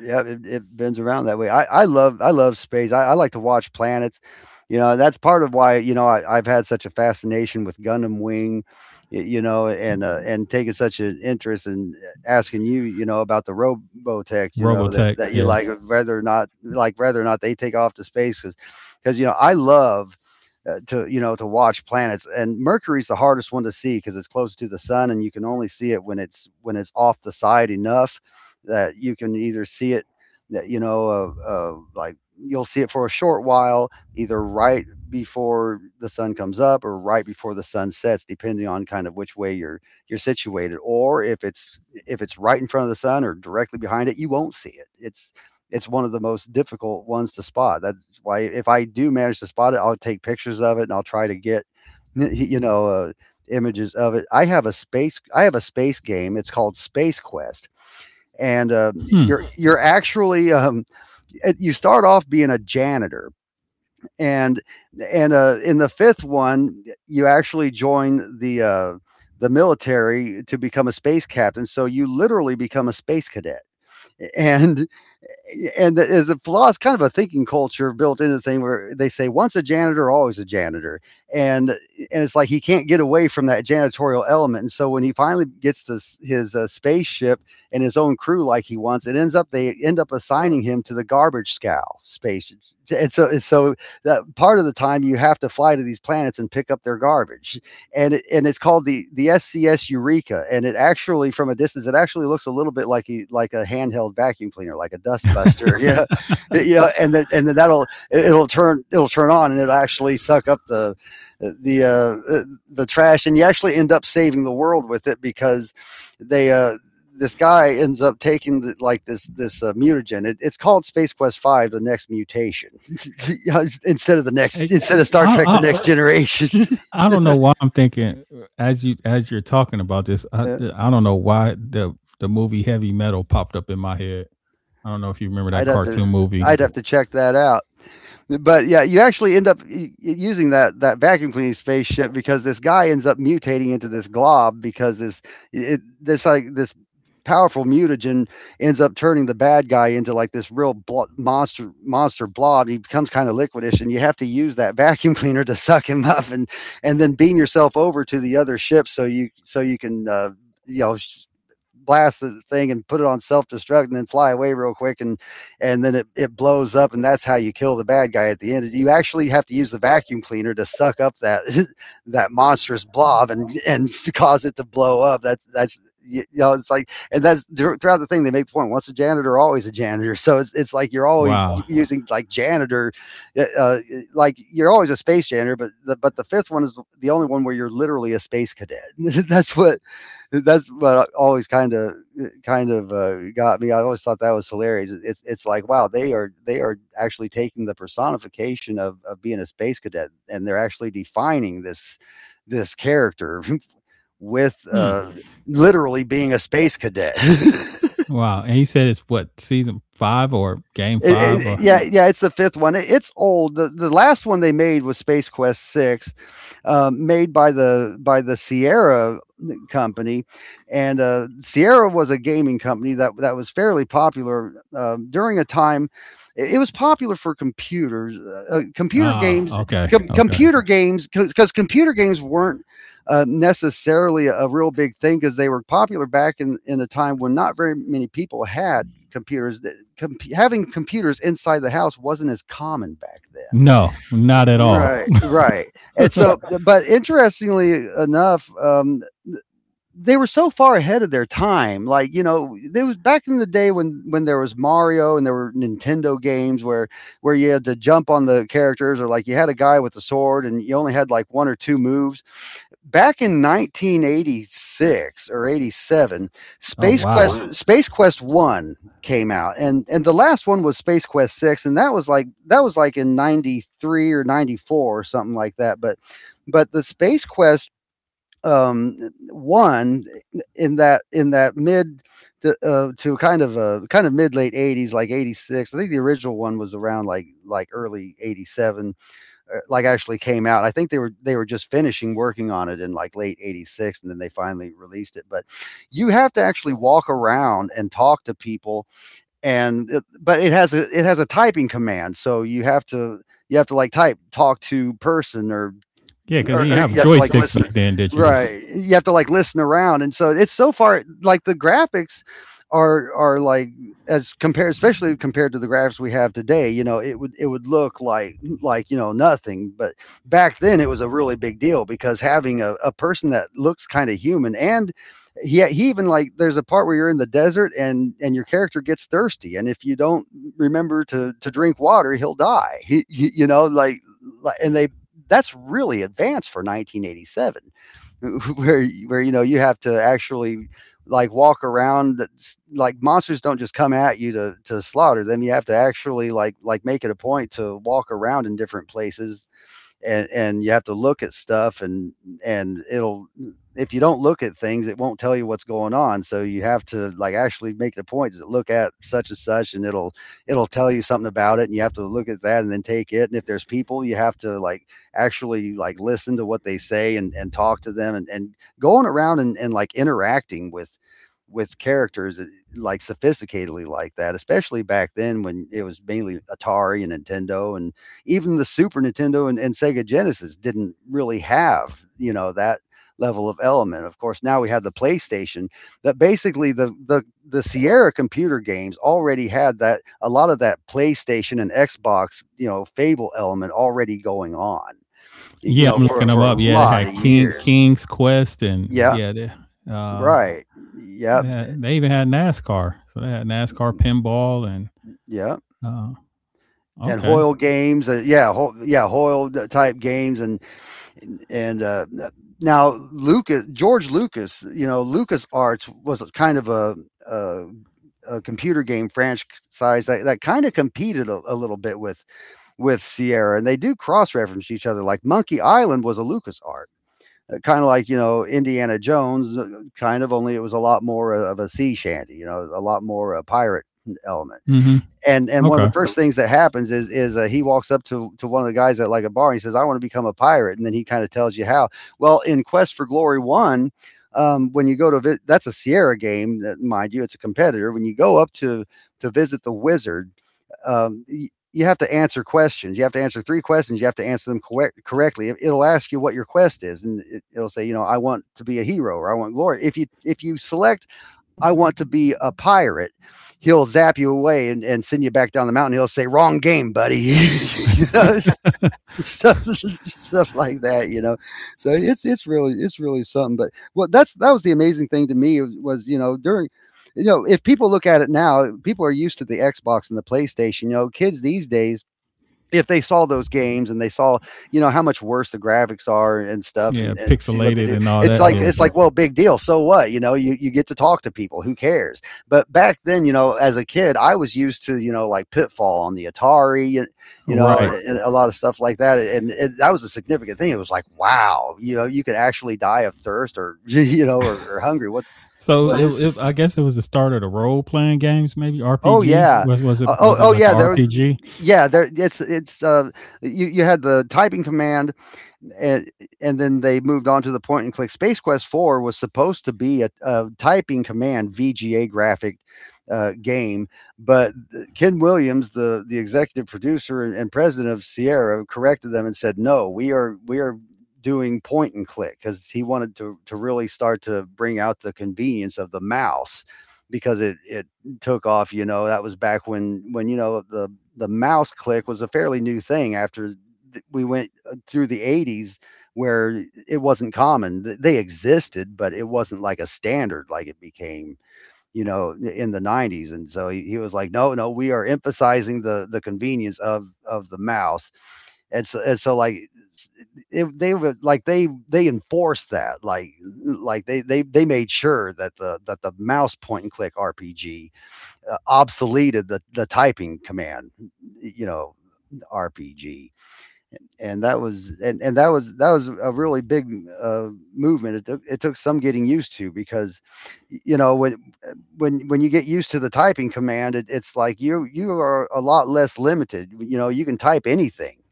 yeah, it, it bends around that way. I, I love I love space. I, I like to watch planets. You know, that's part of why you know I, I've had such a fascination with Gundam Wing. y- You know, and uh, and taking such an interest in asking you, you know, about the Robotech, you know, Robotech. that, that you Yeah. like, whether or not, like, whether or not they take off to space, because you know I love uh, to, you know, to watch planets. And Mercury's the hardest one to see because it's close to the sun, and you can only see it when it's when it's off the side enough that you can either see it, you know uh, uh, like, you'll see it for a short while, either right before the sun comes up or right before the sun sets, depending on kind of which way you're you're situated. Or if it's if it's right in front of the sun or directly behind it, you won't see it. It's it's one of the most difficult ones to spot. That why if I do manage to spot it, I'll take pictures of it, and I'll try to get, you know uh, images of it. I have a space I have a space game. It's called Space Quest. And um, Hmm. you're you're actually um, you start off being a janitor, and and uh, in the fifth one, you actually join the uh, the military to become a space captain. So you literally become a space cadet, and and as a flaw, it's kind of a thinking culture built into the thing where they say once a janitor, always a janitor. And and it's like he can't get away from that janitorial element. And so when he finally gets this his uh, spaceship and his own crew, like he wants, it ends up they end up assigning him to the garbage scow space. And so and so that part of the time, you have to fly to these planets and pick up their garbage. And it, and it's called the the S C S Eureka, and it actually, from a distance, it actually looks a little bit like a like a handheld vacuum cleaner, like a dust buster, yeah, yeah, and that and then that'll it- will turn it'll turn on and it'll actually suck up the the uh, the trash. And you actually end up saving the world with it because they uh this guy ends up taking the, like, this this uh, mutagen. It, it's called Space Quest Five: The Next Mutation, instead of the next I, instead of Star Trek: The I Next Generation. I don't know why I'm thinking as you as you're talking about this. I Yeah. I don't know why the the movie Heavy Metal popped up in my head. I don't know if you remember that I'd have to cartoon movie. I'd have to check that out. But yeah, you actually end up u- using that that vacuum cleaning spaceship because this guy ends up mutating into this glob. Because this it, this like this powerful mutagen ends up turning the bad guy into like this real blo- monster monster blob. He becomes kind of liquidish, and you have to use that vacuum cleaner to suck him up, and and then beam yourself over to the other ship so you so you can uh, you know sh- blast the thing and put it on self destruct and then fly away real quick. And and then it, it blows up, and that's how you kill the bad guy at the end. You actually have to use the vacuum cleaner to suck up that that monstrous blob and and cause it to blow up. That's that's you know it's like, and that's throughout the thing. They make the point once a janitor, always a janitor. So it's, it's like you're always Wow. using, like, janitor uh, like you're always a space janitor. But the, but the fifth one is the only one where you're literally a space cadet. that's what that's what always kind of kind of uh, got me. I always thought that was hilarious. It's it's like, wow, they are they are actually taking the personification of of being a space cadet, and they're actually defining this this character with Hmm. uh, literally being a space cadet. Wow. And you said it's what, season five or game It, five it, or. yeah, yeah, it's the fifth one. It, it's old. The, the last one they made was Space Quest Six, um, made by the by the Sierra company. And uh, Sierra was a gaming company that that was fairly popular um, during a time. It, it was popular for computers, uh, computer Ah, games, okay, com- okay, computer games, because computer games weren't uh, necessarily a real big thing because they were popular back in in a time when not very many people had computers. That com- having computers inside the house wasn't as common back no, then. not at all. Right, right. And so, but interestingly enough, um they were so far ahead of their time. Like, you know, there was back in the day when when there was Mario and there were Nintendo games where where you had to jump on the characters, or like you had a guy with a sword and you only had like one or two moves. Back in nineteen eighty-six or eighty-seven, Oh space, oh, quest, wow. oh, wow, Space Quest one came out. And and the last one was Space Quest six, and that was like that was like in ninety-three or ninety-four or something like that. But but the Space Quest, um one, in that in that mid to, uh, to kind of a kind of mid late eighties, like eighty-six, I think the original one was around, like, like early eighty-seven uh, like actually came out. I think they were they were just finishing working on it in like late 'eighty-six, and then they finally released it. But you have to actually walk around and talk to people, and it, but it has a it has a typing command, so you have to you have to like type talk to person. Or Yeah, because or, you didn't or have you have to like joysticks listen back then, did you? right, you have to like listen around. And so it's so far, like, the graphics are are like, as compared, especially compared to the graphics we have today, you know, it would it would look like like you know, nothing. But back then it was a really big deal because having a, a person that looks kind of human, and he, he even like, there's a part where you're in the desert, and and your character gets thirsty, and if you don't remember to to drink water, he'll die. He, he- you know, like like and they, that's really advanced for nineteen eighty-seven where where you know you have to actually like walk around, like monsters don't just come at you to to slaughter them. You have to actually like like make it a point to walk around in different places, and and you have to look at stuff. and and it'll if you don't look at things, it won't tell you what's going on. So you have to like actually make the a point to look at such and such, and it'll it'll tell you something about it, and you have to look at that and then take it. And if there's people, you have to like actually like listen to what they say, and and talk to them. And and going around and, and like interacting with with characters uh, like sophisticatedly like that, especially back then when it was mainly Atari and Nintendo, and even the Super Nintendo and, and Sega Genesis didn't really have, you know, that level of element. Of course, now we have the PlayStation, that basically the, the, the Sierra computer games already had that, a lot of that PlayStation and Xbox, you know, Fable element already going on, you Yeah, know, I'm looking for, them for a up. Yeah, they lot had of King years. King's Quest, and Yeah, yeah, they uh, right. Yeah, they, had, they even had NASCAR. So they had NASCAR pinball, and yeah. uh, And okay. Hoyle games, uh, yeah, Ho- yeah, Hoyle type games, and and, and uh, now Lucas, George Lucas, you know, Lucas Arts was kind of a, a, a computer game franchise that, that kind of competed a, a little bit with with Sierra, and they do cross reference each other. Like Monkey Island was a Lucas Art, kind of like you know Indiana Jones, uh, kind of only it was a lot more of a sea shanty, you know, a lot more a pirate mm, element. Hmm. And and one of the Okay. first things that happens is is uh, he walks up to to one of the guys at like a bar, and he says, I want to become a pirate. And then he kind of tells you how. Well, in Quest for Glory One, um, when you go to vi- that's a Sierra game, that, mind you, it's a competitor, when you go up to to visit the wizard, um, y- you have to answer questions. You have to answer three questions. You have to answer them correct, correctly. It- It'll ask you what your quest is, and it, it'll say, you know, I want to be a hero or I want glory. If you if you select I want to be a pirate. He'll zap you away and, and send you back down the mountain. He'll say, wrong game, buddy. you know, stuff, stuff like that, you know? So it's, it's really, it's really something. But well, that's, that was the amazing thing to me, was, you know, during, you know, if people look at it now, people are used to the Xbox and the PlayStation, you know, kids these days, if they saw those games and they saw, you know, how much worse the graphics are and stuff Yeah, and, and see what they pixelated do. and all It's that. like Yeah, it's like, well, big deal. So what? You know, you, you get to talk to people. Who cares? But back then, you know, as a kid, I was used to, you know, like Pitfall on the Atari, you, you know, right. and a lot of stuff like that. And it, that was a significant thing. It was like, wow, you know, you could actually die of thirst, or you know, or, or hungry. What's So what is it, it, this? I guess it was the start of the role playing games, maybe Oh R P G. yeah. Was was it Uh, oh was it oh like a yeah. There. was- Um, y- R P G? Yeah. There. It's it's. Uh. You you had the typing command, and and then they moved on to the point and click. Space Quest Four was supposed to be a, a typing command V G A graphic uh, game. But Ken Williams, the the executive producer and president of Sierra, corrected them and said, "No, we are we are doing point and click," because he wanted to, to really start to bring out the convenience of the mouse, because it, it took off. You know, that was back when, when you know, the the mouse click was a fairly new thing after we went through the eighties, where it wasn't common. They existed, but it wasn't like a standard like it became, you know, in the nineties. And so he, he was like, no, no, we are emphasizing the the convenience of of the mouse. And so and so like it, they would like they they enforced that, like, like they they they made sure that the that the mouse point and click R P G uh, obsoleted the the typing command, you know, R P G. and that was and, and that was that was a really big uh, movement. It took it took some getting used to, because, you know, when when when you get used to the typing command, it, it's like you you are a lot less limited. You know, you can type anything,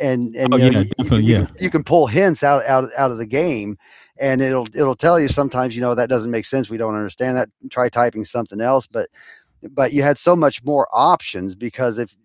and and Oh you know yeah, you, you can definitely you yeah. can you can pull hints out out out of the game, and it'll it'll tell you sometimes, you know, that doesn't make sense. We don't understand that. Try typing something else. But but you had so much more options, because if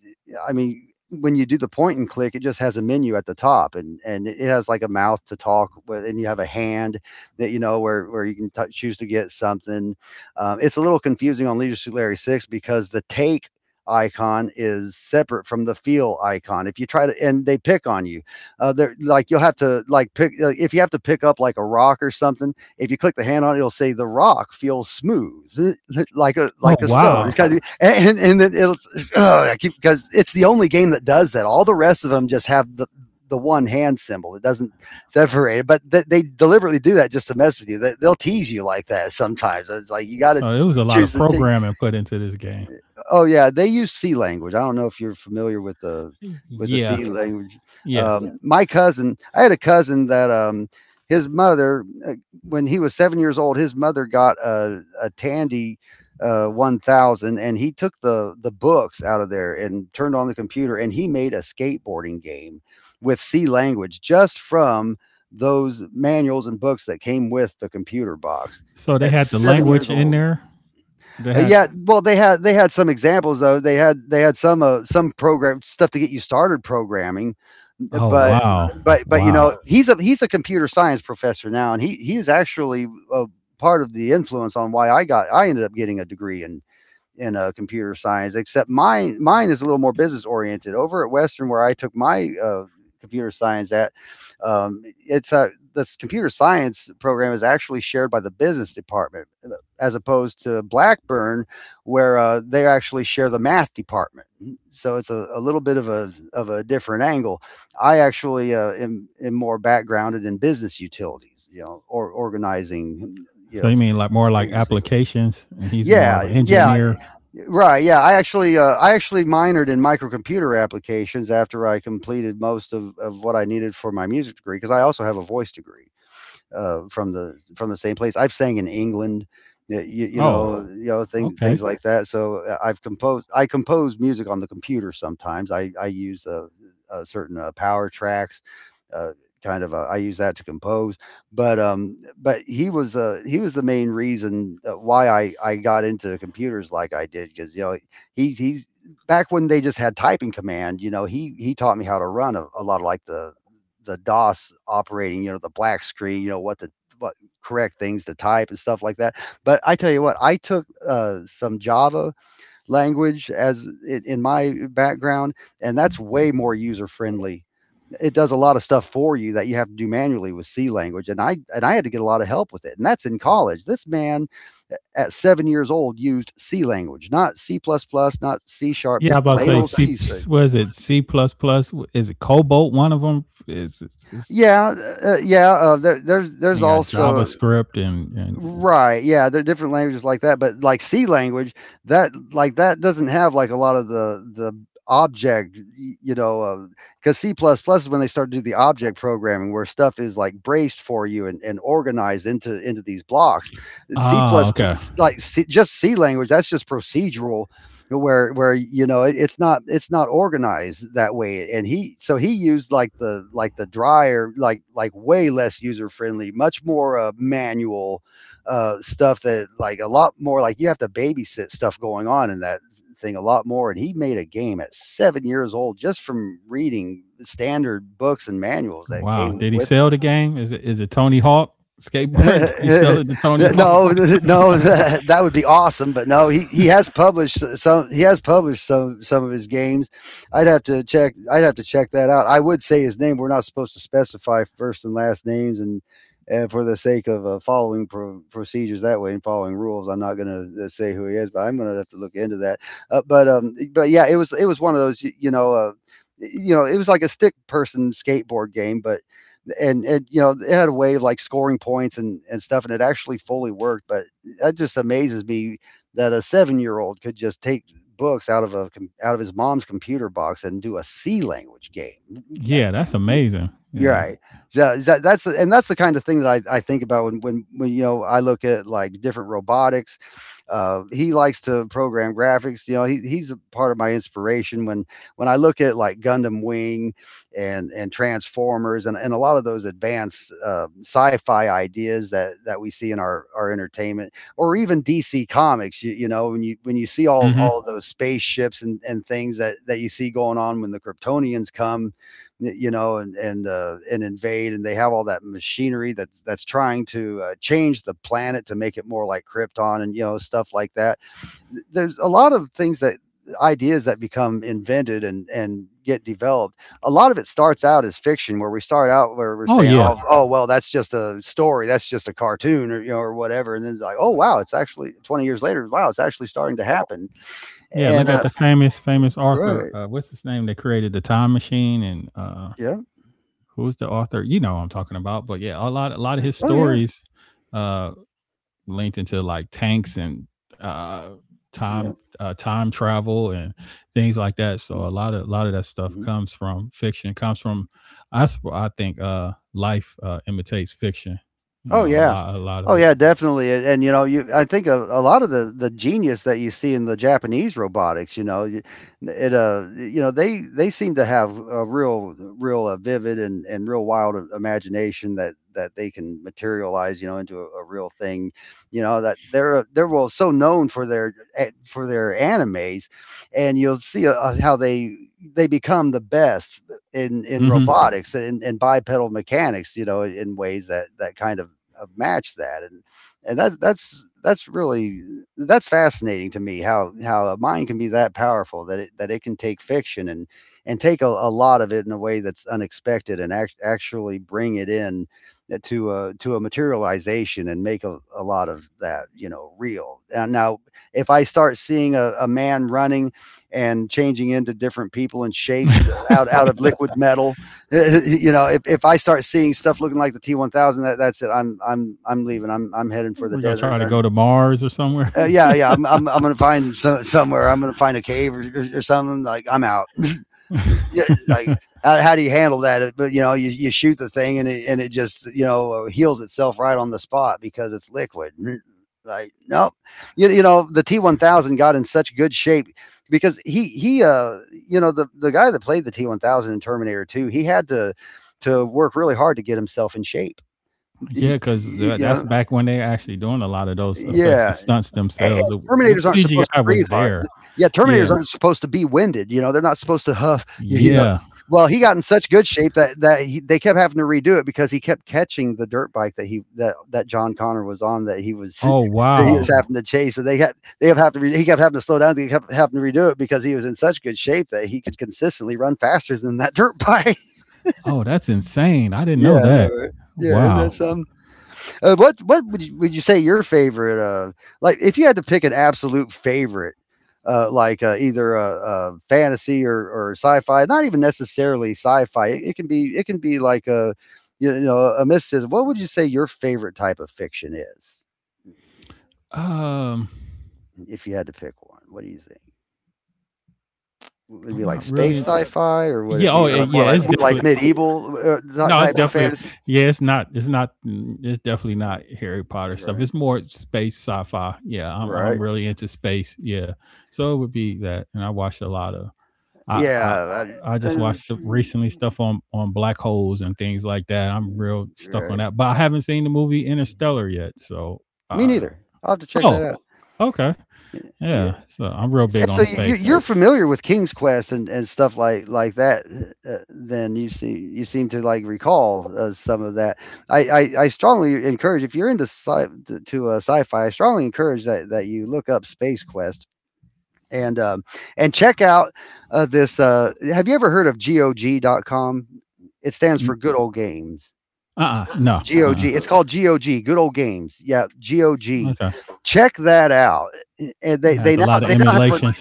I mean, when you do the point and click, it just has a menu at the top, and and it has like a mouth to talk with, and you have a hand that, you know, where where you can t- choose to get something. Um, it's a little confusing on Leisure Suit Larry Six, because the take icon is separate from the feel icon. If you try to and they pick on you uh they're like You'll have to like pick like, if you have to pick up like a rock or something, if you click the hand on it, it'll say the rock feels smooth like a Oh like a stone. It's wow, kind of and and then it'll ugh, I keep because it's the only game that does that. All the rest of them just have the the one hand symbol. It doesn't separate it, but th- they deliberately do that just to mess with you. They, they'll tease you like that sometimes. It's like you got to so there was a lot of choose the t- programming put into this game. Oh, yeah, they use C language. I don't know if you're familiar with the with the Yeah, C language. Um, yeah. Um, my cousin I had a cousin that, um, his mother, uh, when he was seven years old, his mother got a a Tandy, uh, one thousand, and he took the the books out of there and turned on the computer, and he made a skateboarding game with C language just from those manuals and books that came with the computer box So they at had the seven years language in old. there. They Uh, had. Yeah, well, they had they had some examples, though. They had they had some uh, some program stuff to get you started programming, Oh, but wow. but but you know, Wow. he's a he's a computer science professor now, and he he was actually uh part of the influence on why I got I ended up getting a degree in in uh, computer science, except mine mine is a little more business oriented. Over at Western, where I took my uh, computer science at, um, it's uh, this computer science program is actually shared by the business department, uh, as opposed to Blackburn, where uh, they actually share the math department. So it's a, a little bit of a of a different angle. I actually uh, am, am more backgrounded in business utilities, you know, or organizing, you So know, you mean like more like figures, things like that. applications and he's more of Yeah, an yeah, engineer? right. Yeah, I actually, uh, I actually minored in microcomputer applications after I completed most of, of what I needed for my music degree, because I also have a voice degree uh, from the from the same place. I've sang in England, you, you Oh, know, you know thing, okay. things like that. So uh, I've composed I compose music on the computer sometimes. I I use uh uh certain uh, power tracks. Uh, kind of uh, I use that to compose. But um but he was uh he was the main reason uh, why I I got into computers like I did, because, you know, he's he's back when they just had typing command, you know, he he taught me how to run a, a lot of like the the DOS operating, you know, the black screen, you know, what the what correct things to type and stuff like that. But I tell you what, I took uh, some Java language as in, in my background, and that's way more user friendly. It does a lot of stuff for you that you have to do manually with C language, and I and I had to get a lot of help with it. And that's in college. This man at seven years old used C language, not C plus plus, not C sharp, Yeah, I just was plain about to old say C. So, C, was it? C++? Plus plus? Is it Cobalt, one of them? Is is yeah, uh, yeah. Uh, there, there's there's you got also JavaScript and and. right. Yeah, there are different languages like that, but like C language, that like that doesn't have like a lot of the the object, y- you know, because C plus plus is when they start to do the object programming, where stuff is like braced for you, and, and organized into into these blocks. C Oh, plus okay. plus, like C, just C language, that's just procedural, where where you know, it, it's not it's not organized that way. And he, so he used like the like the drier, like, like way less user friendly, much more uh, manual uh, stuff, that like a lot more, like, you have to babysit stuff going on in that thing a lot more, and he made a game at seven years old just from reading standard books and manuals that Wow. came Did he with sell the the game? Is it is it Tony Hawk skateboard? Did he sell it to Tony Hawk? no, no, that, that would be awesome. But no, he, he has published some. He has published some some of his games. I'd have to check. I'd have to check that out. I would say his name. We're not supposed to specify first and last names, and, and for the sake of uh, following pro- procedures that way and following rules, I'm not going to say who he is. But I'm going to have to look into that. Uh, but um, but yeah, it was it was one of those. You, you know, uh, you know, it was like a stick person skateboard game, but and it you know it had a way of like scoring points and and stuff, and it actually fully worked. But that just amazes me that a seven year old could just take books out of a out of his mom's computer box and do a c language game. Yeah, that's amazing. You're Yeah. right. So that, that's and that's the kind of thing that I, I think about when, when when you know I look at like different robotics. Uh, he likes to program graphics. You know, he, he's a part of my inspiration when when I look at like Gundam Wing and and Transformers, and, and a lot of those advanced uh, sci-fi ideas that that we see in our our entertainment or even D C Comics. You, you know, when you when you see all Mhm. all of those spaceships and and things that that you see going on when the Kryptonians come, you know, and and uh, and invade, and they have all that machinery that's that's trying to uh, change the planet to make it more like Krypton, and you know stuff like that. There's a lot of things that ideas that become invented and and get developed. A lot of it starts out as fiction, where we start out where we're Oh, saying, oh yeah. oh well, that's just a story, that's just a cartoon, or you know, or whatever. And then it's like, oh wow, it's actually twenty years later. Wow, it's actually starting to happen, Yeah, look and at uh, the famous, famous author. right. Uh, what's his name that created the time machine? And uh, Yeah. who's the author? You know what I'm talking about. But yeah, a lot, a lot of Uh, his Oh yeah, stories uh, linked into like tanks and uh, yeah. time, uh, time travel and things like that. So Mhm. a lot of, a lot of that stuff comes from fiction. Comes from, I, sp- I think, uh, life uh, imitates fiction. You Oh know, A yeah. lot, a lot of Oh it. yeah, definitely. And, and you know, you I think a, a lot of the the genius that you see in the Japanese robotics, you know, y- it uh you know, they they seem to have a real real uh, vivid and and real wild i- imagination that that they can materialize, you know, into a, a real thing. You know that they're they're well so known for their a- for their animes, and you'll see uh, how they they become the best in in hmm robotics, and, and bipedal mechanics, you know, in ways that that kind of of match that. And and that's that's that's really, that's fascinating to me how how a mind can be that powerful that it that it can take fiction and and take a, a lot of it in a way that's unexpected, and act, actually bring it in uh, to a to a materialization, and make a, a lot of that, you know real. And now, if I start seeing a, a man running and changing into different people and shapes out out of liquid metal, you know, if, if I start seeing stuff looking like the T one thousand, that, that's it. I'm I'm I'm leaving. I'm I'm heading for the We're gonna desert. try to go I'm, to Mars or somewhere. uh, yeah, yeah. I'm I'm I'm gonna find some somewhere. I'm gonna find a cave, or, or, or something. Like, I'm out. Yeah, like, how, how do you handle that? But you know, you, you shoot the thing and it and it just, you know uh, heals itself right on the spot because it's liquid. Like, nope. You, you know the T one thousand got in such good shape because he he uh you know, the the guy that played the T one thousand in Terminator two, he had to to work really hard to get himself in shape. Yeah, He- because you Yeah. that's know, back when they actually doing a lot of those effects and yeah, stunts a and themselves. It w- If Terminators aren't supposed to C G I breathe was hard. there, Yeah, Terminators yeah, aren't supposed to be winded, you know, they're not supposed to huff. y you know. yeah. Well, he got in such good shape that that he, they kept having to redo it because he kept catching the dirt bike that he, that that John Connor was on, that he was Oh that he was wow. having to chase. So they had they have have to re, he kept having to slow down. They kept having to redo it because he was in such good shape that he could consistently run faster than that dirt bike. Oh, that's insane. I didn't know Yeah, I know, that. right? Yeah, isn't Wow. that some? Uh, what what would you, would you say your favorite? Uh, like, if you had to pick an absolute favorite, uh, like uh, either uh, uh, fantasy, or, or sci-fi. Not even necessarily sci-fi. It, it can be, it can be like a, you know, a mysticism. What would you say your favorite type of fiction is? Um, If you had to pick one, what do you think? Would it I'm be like not space really. sci-fi, or would Yeah. it Oh, be eh, like, yeah. more like It's more like definitely. medieval, uh, ty- No, it's type of definitely fantasy? Uh, yeah. It's not. It's not. mm, It's definitely not Harry Potter stuff. Right. It's more space sci-fi. Yeah, I'm. I'm Right. really into space. Yeah, so it would be that. And I watched a lot of. I. I. Yeah. I I, I, just know, watched the she- recently stuff on on black holes and things like that. I'm real stuck on right. that, but I haven't seen the movie Interstellar Mm-hmm. yet. So, Me uh, neither. I'll have to check that oh, out. okay, Y- Yeah. yeah. So I'm real big S- on So you, you- space. you're familiar with King's Quest, and, and stuff like like that. Uh, then you seem, you seem to like recall, uh, some of that. I, I, I strongly encourage, if you're into sci, to, to uh, sci-fi. I strongly encourage that, that you look up Space Quest, and um, and check out, uh, this. Uh, have you ever heard of G O G dot com? It stands for Uh, Good Old Games. uh no, uh, G O G. It's called G O G. Good old games. Yeah, uh G O G. okay. Check that out. And It they has a they now lot of they now have a, emulations.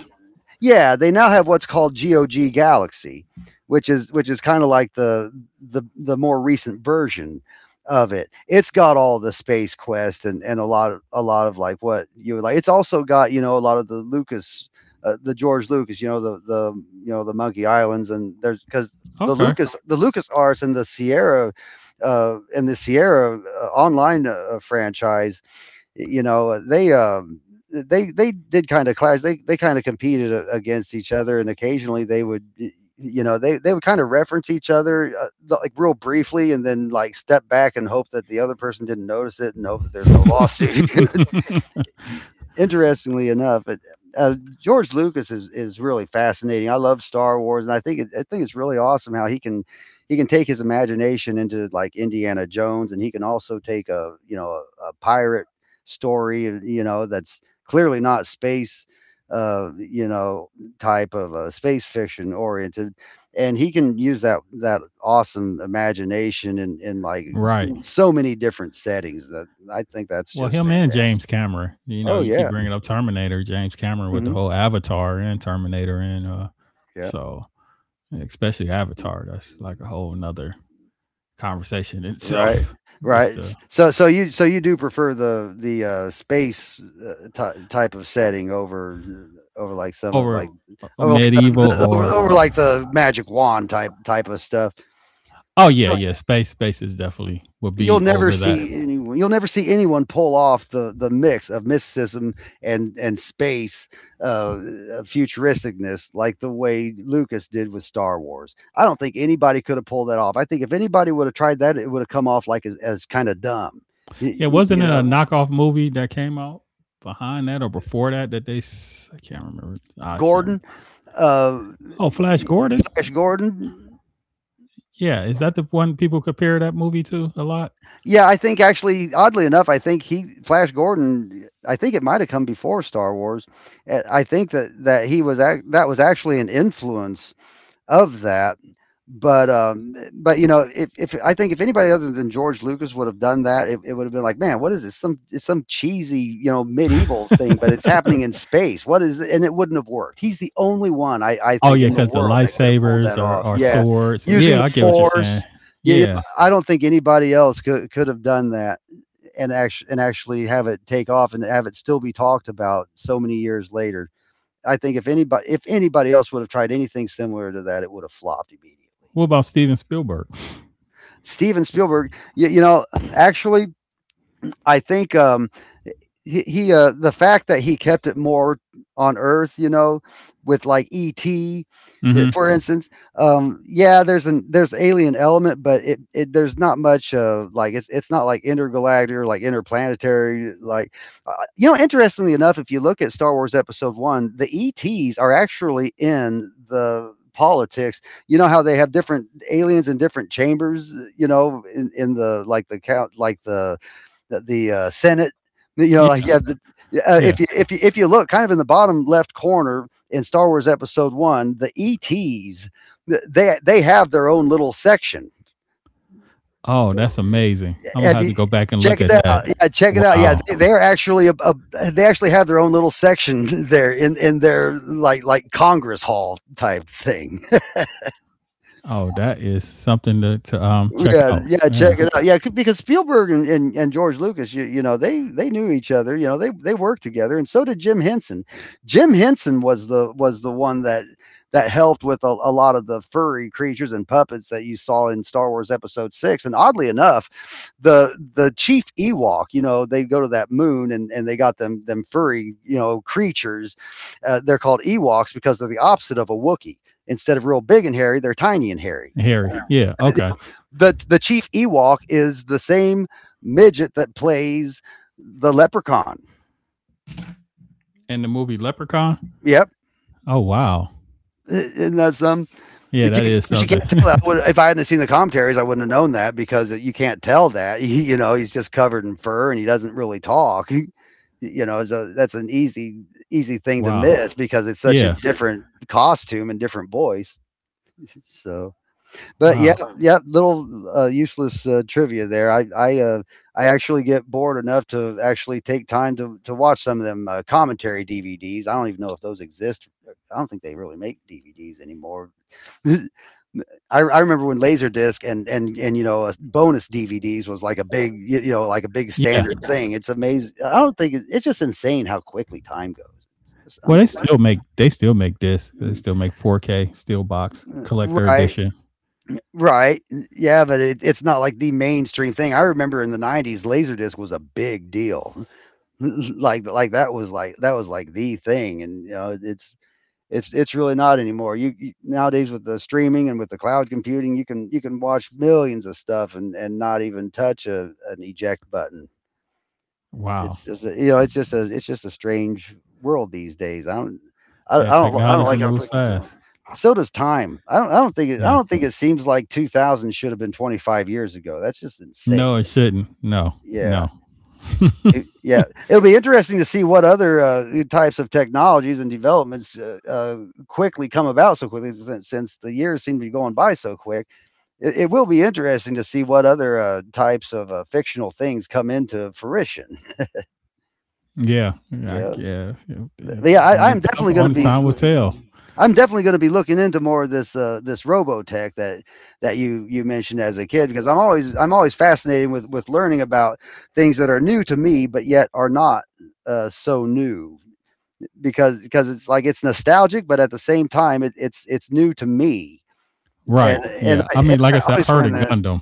yeah, they now have what's called G O G Galaxy, which is which is kind of like the the the more recent version of it. It's got all the Space Quest, and and a lot of a lot of like what you would like. It's also got, you know, a lot of the Lucas, uh, the George Lucas, you know, the the you know, the Monkey Islands. And there's, because the Okay. Lucas the Lucas Arts and the Sierra. Uh, and the Sierra, uh, online, uh, franchise, you know, uh, they um they, they did kind of clash, they they kind of competed against each other, and occasionally they would, you know, they they would kind of reference each other, uh, like, real briefly, and then like step back and hope that the other person didn't notice it and hope that there's no lawsuit. Interestingly enough, it, uh, George Lucas is, is really fascinating. I love Star Wars, and I think it, I think it's really awesome how he can, he can take his imagination into like Indiana Jones, and he can also take a, you know, a, a pirate story, you know, that's clearly not space, uh, you know, type of uh, space fiction oriented, and he can use that that awesome imagination in, in like, Right. so many different settings that I think that's Well, just him and fantastic. James Cameron. You know, Oh you keep yeah. bringing up Terminator, James Cameron with the Hmm. whole Avatar and Terminator, and uh, Yeah. so especially Avatar, that's like a whole another conversation in Right. itself. Right. Just uh, S- So so you, so you do prefer the the uh, space, uh, ty- type of setting over, uh, over like some of, over like uh, over like the, medieval the over, or over like the magic wand type type of stuff. oh yeah, yeah, space space is definitely would you'll be never over see that. Anyone you'll never see anyone pull off the the mix of mysticism and and space, uh uh, futuristicness like the way Lucas did with Star Wars. I don't think anybody could have pulled that off. I think if anybody would have tried that, it would have come off like, as, as kind of dumb. Y- Yeah, wasn't You, it a know, knockoff movie that came out behind that or before that that they s- I can't remember. I can't. Gordon, Remember. uh, Oh, Flash Gordon. Flash Gordon. Yeah, is that the one people compare that movie to a lot? Yeah, I think actually, oddly enough, I think he, Flash Gordon. I think it might have come before Star Wars. Uh, I think that that he was ac- that was actually an influence of that. But um, but, you know, if, if I think if anybody other than George Lucas would have done that, it, it would have been like, man, what is this? Some, it's some cheesy, you know, medieval thing, but it's happening in space. What is? Th- And it wouldn't have worked. He's the only one I I Oh think yeah, in the because the world that could have pulled lifesavers that are off. are Yeah, mm. swords. Using Yeah, the I get what you're saying. Force. Yeah, yeah, Yeah. I don't think anybody else could could have done that, and actually and actually have it take off and have it still be talked about so many years later. I think if anybody if anybody else would have tried anything similar to that, it would have flopped immediately. What about Steven Spielberg? Steven Spielberg, you, you know, actually, I think, um, he, he uh the fact that he kept it more on earth, you know, with like ET, uh, Mhm. for instance, um yeah, there's an, there's alien element, but it, it there's not much, uh, like, it's, it's not like intergalactic or like interplanetary, like, uh, you know, interestingly enough, if you look at Star Wars Episode One, the ETs are actually in the politics. You know how they have different aliens in different chambers, you know, in, in the like the count, like the the, the uh, Senate. You know, Ye like, yeah, the, uh, yeah. if you if you if you look kind of in the bottom left corner in Star Wars Episode One, the E Ts, th- they they have their own little section. Oh, that's amazing. Imma Have have you, to go back and check look at it out? that. Yeah, check it out. Yeah, Wow. they, they're actually a, a, they actually have their own little section there in, in their like like Congress Hall type thing. Oh, that is something to to, um, check Yeah, out. yeah, check Yeah. it out. Yeah, c- because Spielberg and, and, and George Lucas, you, you know, they they knew each other. You know, they they worked together, and so did Jim Henson. Jim Henson was the was the one that that helped with a, a lot of the furry creatures and puppets that you saw in Star Wars Episode Six. And oddly enough, the the chief Ewok, you know, they go to that moon and, and they got them them furry, you know, creatures. Uh, they're called Ewoks because they're the opposite of a Wookiee. Instead of real big and hairy, they're tiny and hairy. Harry. Yeah. Okay. The the chief Ewok is the same midget that plays the leprechaun. And the movie Leprechaun. Yep. Oh wow. And that's um, Yeah, it that can't- of is course you something. can't tell that. I would- If I hadn't seen the commentaries, I wouldn't have known that because you can't tell that. He, you know, he's just covered in fur and he doesn't really talk. You know, it's a, that's an easy easy thing to Wow. miss because it's such a Yeah. different costume and different voice. So But yeah, Wow. yeah, little uh, useless uh, trivia there. I I uh, I actually get bored enough to actually take time to to watch some of them uh, commentary D V Ds. I don't even know if those exist. Uh, I don't think they really make D V Ds anymore. I, I remember when Laserdisc and and and you know uh, bonus D V Ds was like a big you, you know like a big Yeah. standard thing. It's amazing. I don't think it, it's just insane how quickly time goes. It's just Well, they still unbelievable. make they still make this. They Mm, still make four K steel box uh, collector Right. edition. Right, n yeah, but it it's not like the mainstream thing. I remember in the nineties, Laserdisc was a big deal. Like like, that was like that was like the thing, and, you know, it's it's it's really not anymore. You you Nowadays with the streaming and with the cloud computing, you can you can watch millions of stuff and and not even touch a an eject button. Wow. It's just a, you know, it's just a, it's just a strange world these days. I don't, I, I Yeah. don't, I don't Technology like how moves quick it's going. fast. So does time. I don't, I don't think, it, I Yeah. don't think it seems like two thousand should have been twenty-five years ago. That's just No, insane. it shouldn't. No. Yeah. No. It- yeah, it'll be interesting to see what other uh, new types of technologies and developments uh, uh, quickly come about so quickly since, since the years seem to be going by so quick. It, it will be interesting to see what other uh, types of uh, fictional things come into fruition. Yeah. I Yeah. guess. Yeah. Yeah. yeah, I, Only I'm time. definitely going to Only be time will looking tell. into. I'm definitely going to be looking into more of this uh, this Robotech that that you you mentioned as a kid because I'm always I'm always fascinated with with learning about things that are new to me but yet are not uh, so new because because it's like it's nostalgic but at the same time it, it's it's new to me, and Right. and Yeah. I, I and mean, like I I said, I've always heard find of that Gundam.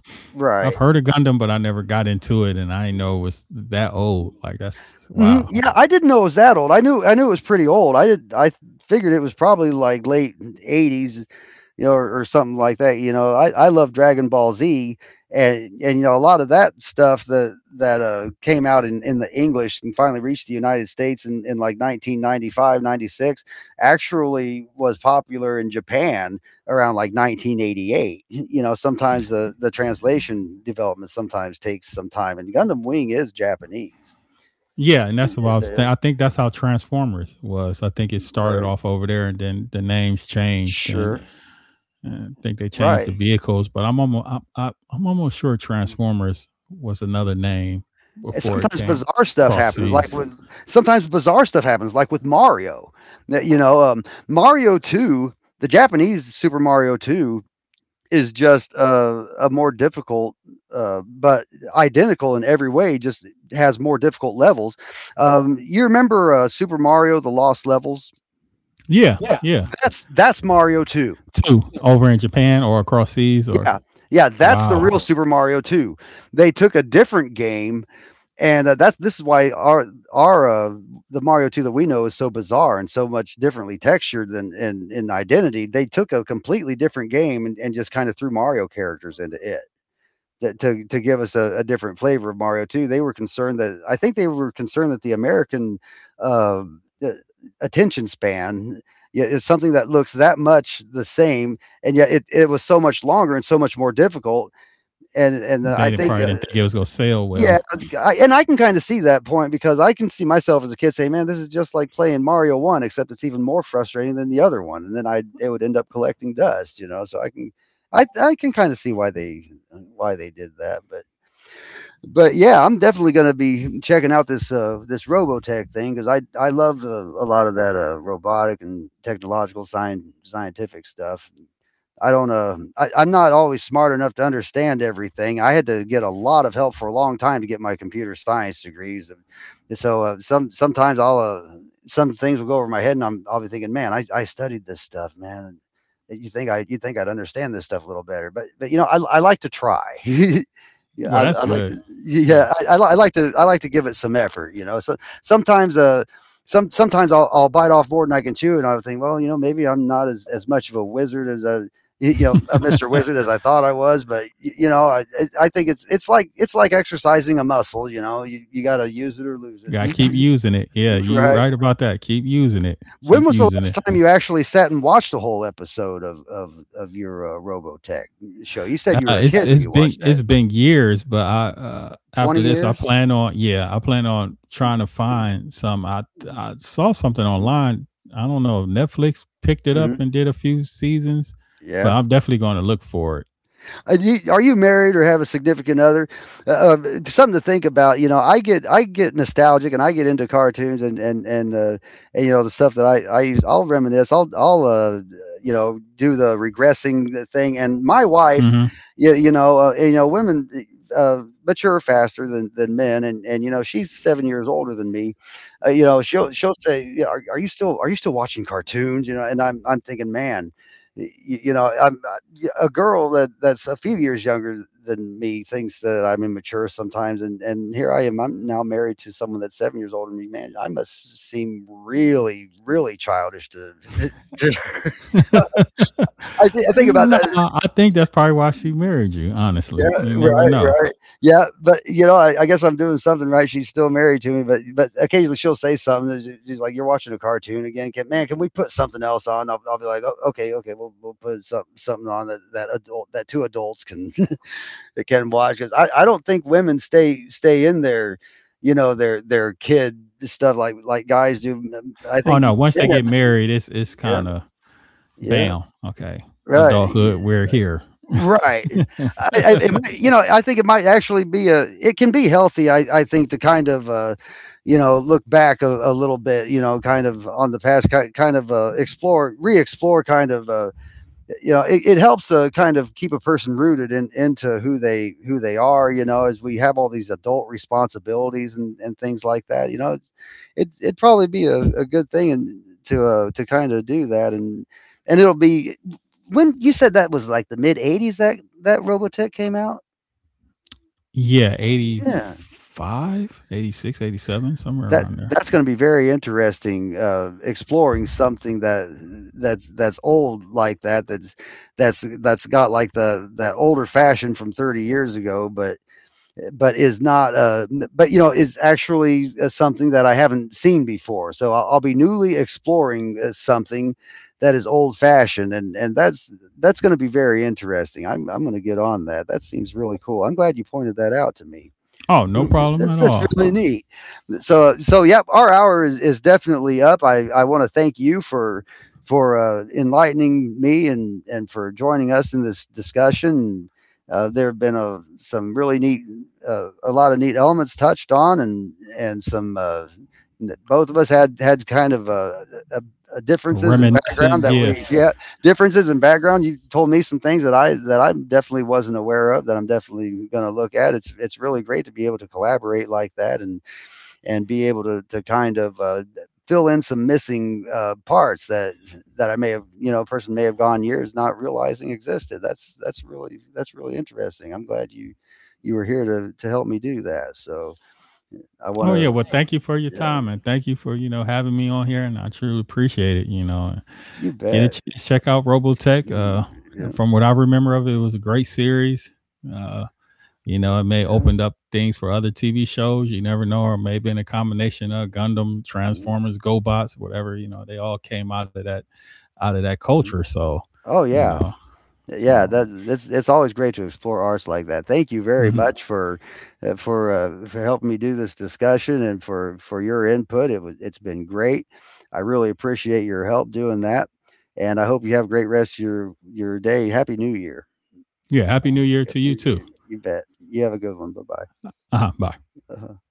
I've right. heard of Gundam, but I never got into it, and I didn't know it was that old. Like that's Hmm. wow. Yeah, I didn't know it was that old. I knew I knew it was pretty old. I did I figured it was probably like late eighties, you know, or, or something like that. You know, I, I love Dragon Ball Z, and and you know a lot of that stuff that that uh, came out in, in the English and finally reached the United States in, in like nineteen ninety five, ninety six. Actually was popular in Japan around like nineteen eighty-eight. You know, sometimes the, the translation development sometimes takes some time and Gundam Wing is Japanese. Yeah, and Yeah, that's what yeah, I was. yeah, Th- I think that's how Transformers was. I think it yeah. started Right. off over there, and then the names changed, and, Sure. and I think they changed the Right. vehicles. But I'm almost, I'm, I, I'm almost sure Transformers was another name And before it sometimes came bizarre stuff cross happens, like seas. with sometimes bizarre stuff happens, like with Mario. That, You know, um, Mario Two, the Japanese Super Mario Two, is just a, a more difficult, uh, but identical in every way. Just has more difficult levels. Um, you remember uh, Super Mario: The Lost Levels? Yeah, yeah. That's that's Mario Two. Two over in Japan or across seas or Yeah, yeah, that's the wow, real. Wow. Super Mario Two. They took a different game and uh, that's this is why our our uh, the Mario two that we know is so bizarre and so much differently textured than in in identity. They took a completely different game and, and just kind of threw Mario characters into it. That to, to give us a, a different flavor of Mario two, they were concerned that I think they were concerned that the American uh, the attention span, yeah, is something that looks that much the same, and yet it, it was so much longer and so much more difficult. And and uh, I they didn't, think probably uh, didn't think it was gonna sell yeah, well. I, and I can kind of see that point because I can see myself as a kid saying, "Man, this is just like playing Mario One, except it's even more frustrating than the other one." And then I it would end up collecting dust, you know. So I can, I I can kind of see why they why they did that, but but yeah, I'm definitely going to be checking out this uh this Robotech thing because I I love uh, a lot of that uh robotic and technological science scientific stuff. I don't uh I, I'm not always smart enough to understand everything. I had to get a lot of help for a long time to get my computer science degrees. And so uh, some sometimes I'll uh, some things will go over my head, and I'm I'll be thinking, man, I, I studied this stuff, man. You think I you think I'd understand this stuff a little better, but but you know I I like to try. Yeah, Well, I, that's I like to. good. Yeah, Yeah, I, I, li- I like to. I like to give it some effort. You know, so sometimes, uh, some sometimes I'll, I'll bite off more than I can chew, and I'll think, well, you know, maybe I'm not as, as much of a wizard as I you know, a mister Wizard as I thought I was, but you know, I, I think it's, it's like, it's like exercising a muscle, you know, you, you got to use it or lose gotta keep it. using it. Yeah, you Right. right about that. Keep using it. Keep When was the using it. last time you actually sat and watched a whole episode of, of, of your uh, Robotech show? You said you Uh, were a it's kid when it's you been watched it's that. been years, but I uh, after twenty this I years? plan on yeah I plan on trying to find some. I I saw something online. I don't know if Netflix picked it up Mhm. and did a few seasons, but Yeah. I'm definitely going to look for Are you married or have a significant other? Uh, uh, something to think about. You know, I get I get nostalgic and I get into cartoons and and and, uh, and you know the stuff that I I use. I'll reminisce. I'll I'll uh, you know do the regressing thing. And my wife, it. you, you know, uh, you know, women uh, mature faster than than men, and and you know, she's seven years older than me. Uh, you know, she'll she'll say, yeah, are, are you still are you still watching cartoons? You know, and I'm I'm thinking, man. y- You know, I'm yeah, a girl that that's a few years younger than me thinks that I'm immature sometimes, and and here I am. I'm now married to someone that's seven years older than me. Man, I must seem really, really childish to. to Hmm. I, th- I think Mm, about no, that. I think that's probably why she married you. Honestly, Yeah, you never right, know. right. Yeah, but you know, I, I guess I'm doing something right. She's still married to me, but but occasionally she'll say something. that she- She's like, "You're watching a cartoon again, can, man. Can we put something else on?" I'll, I'll be like, oh, "Okay, okay, we'll we'll put some something on that that adult that two adults can that can watch because I, I don't think women stay stay in their, you know, their their kid stuff like like guys do. I Oh think no, once men they get have married, it's it's yeah kind of yeah bam. Okay, right. adulthood, we're here. right. I, I it might, you know I think it might actually be a it can be healthy. I I think to kind of. Uh, you know, look back a, a little bit, you know, kind of on the past, ki- kind of uh, explore, re-explore, kind of uh. you know it, it helps uh, kind of keep a person rooted in into who they who they are, you know, as we have all these adult responsibilities and, and things like that. You know, it, it'd probably be a, a good thing and to uh, to kind of do that, and and it'll be when you said that was like the mid eighties that that robotech came out, Yeah, eighty yeah, five, eighty six, eighty seven, somewhere that around there. that's going to be very interesting uh, exploring something that that's that's old like that, that's that's that's got like the that older fashion from thirty years ago, but but is not uh but you know is actually uh, something that I haven't seen before, so I'll, I'll be newly exploring uh, something that is old fashioned, and and that's that's going to be very interesting. I'm I'm going to get on that. That seems really cool. I'm glad you pointed that out to me. Oh, no problem that's at that's all. really neat. So so yep, our hour is, is definitely up. I i want to thank you for for uh, enlightening me, and and for joining us in this discussion. Uh, there have been a, some really neat uh, a lot of neat elements touched on, and and some uh, both of us had had kind of uh, a, a differences in background Reminiscent, that yeah. we, yeah, differences in background. You told me some things that i that I definitely wasn't aware of that I'm definitely going to look at. it's it's really great to be able to collaborate like that, and and be able to to kind of uh, fill in some missing uh, parts that that I may have, you know, a person may have gone years not realizing existed. That's that's really that's really interesting. I'm glad you you were here to to help me do that. So I want Oh yeah. to, Well, thank you for your yeah, time and thank you for you know having me on here, and I truly appreciate it. You know, you get a bet. chance, check out Robotech. Mm, Uh, yeah from what I remember of it, it was a great series. Uh, you know, it may yeah. opened up things for other T V shows. You never know, or may have been a combination of Gundam, mhm, Transformers, GoBots, whatever. You know, they all came out of that out of that culture. mhm. So, Oh you yeah, know, yeah, so that's it's it's always great to explore arts like that. Thank you very mhm. much for uh, for uh, for helping me do this discussion and for for your input. It was it's been great. I really appreciate your help doing that, and I hope you have a great rest of your your day. Happy New Year. Yeah. Happy New Year Happy to you New too. Year. You bet. You have a good one. Bye Uh-huh, bye. bye.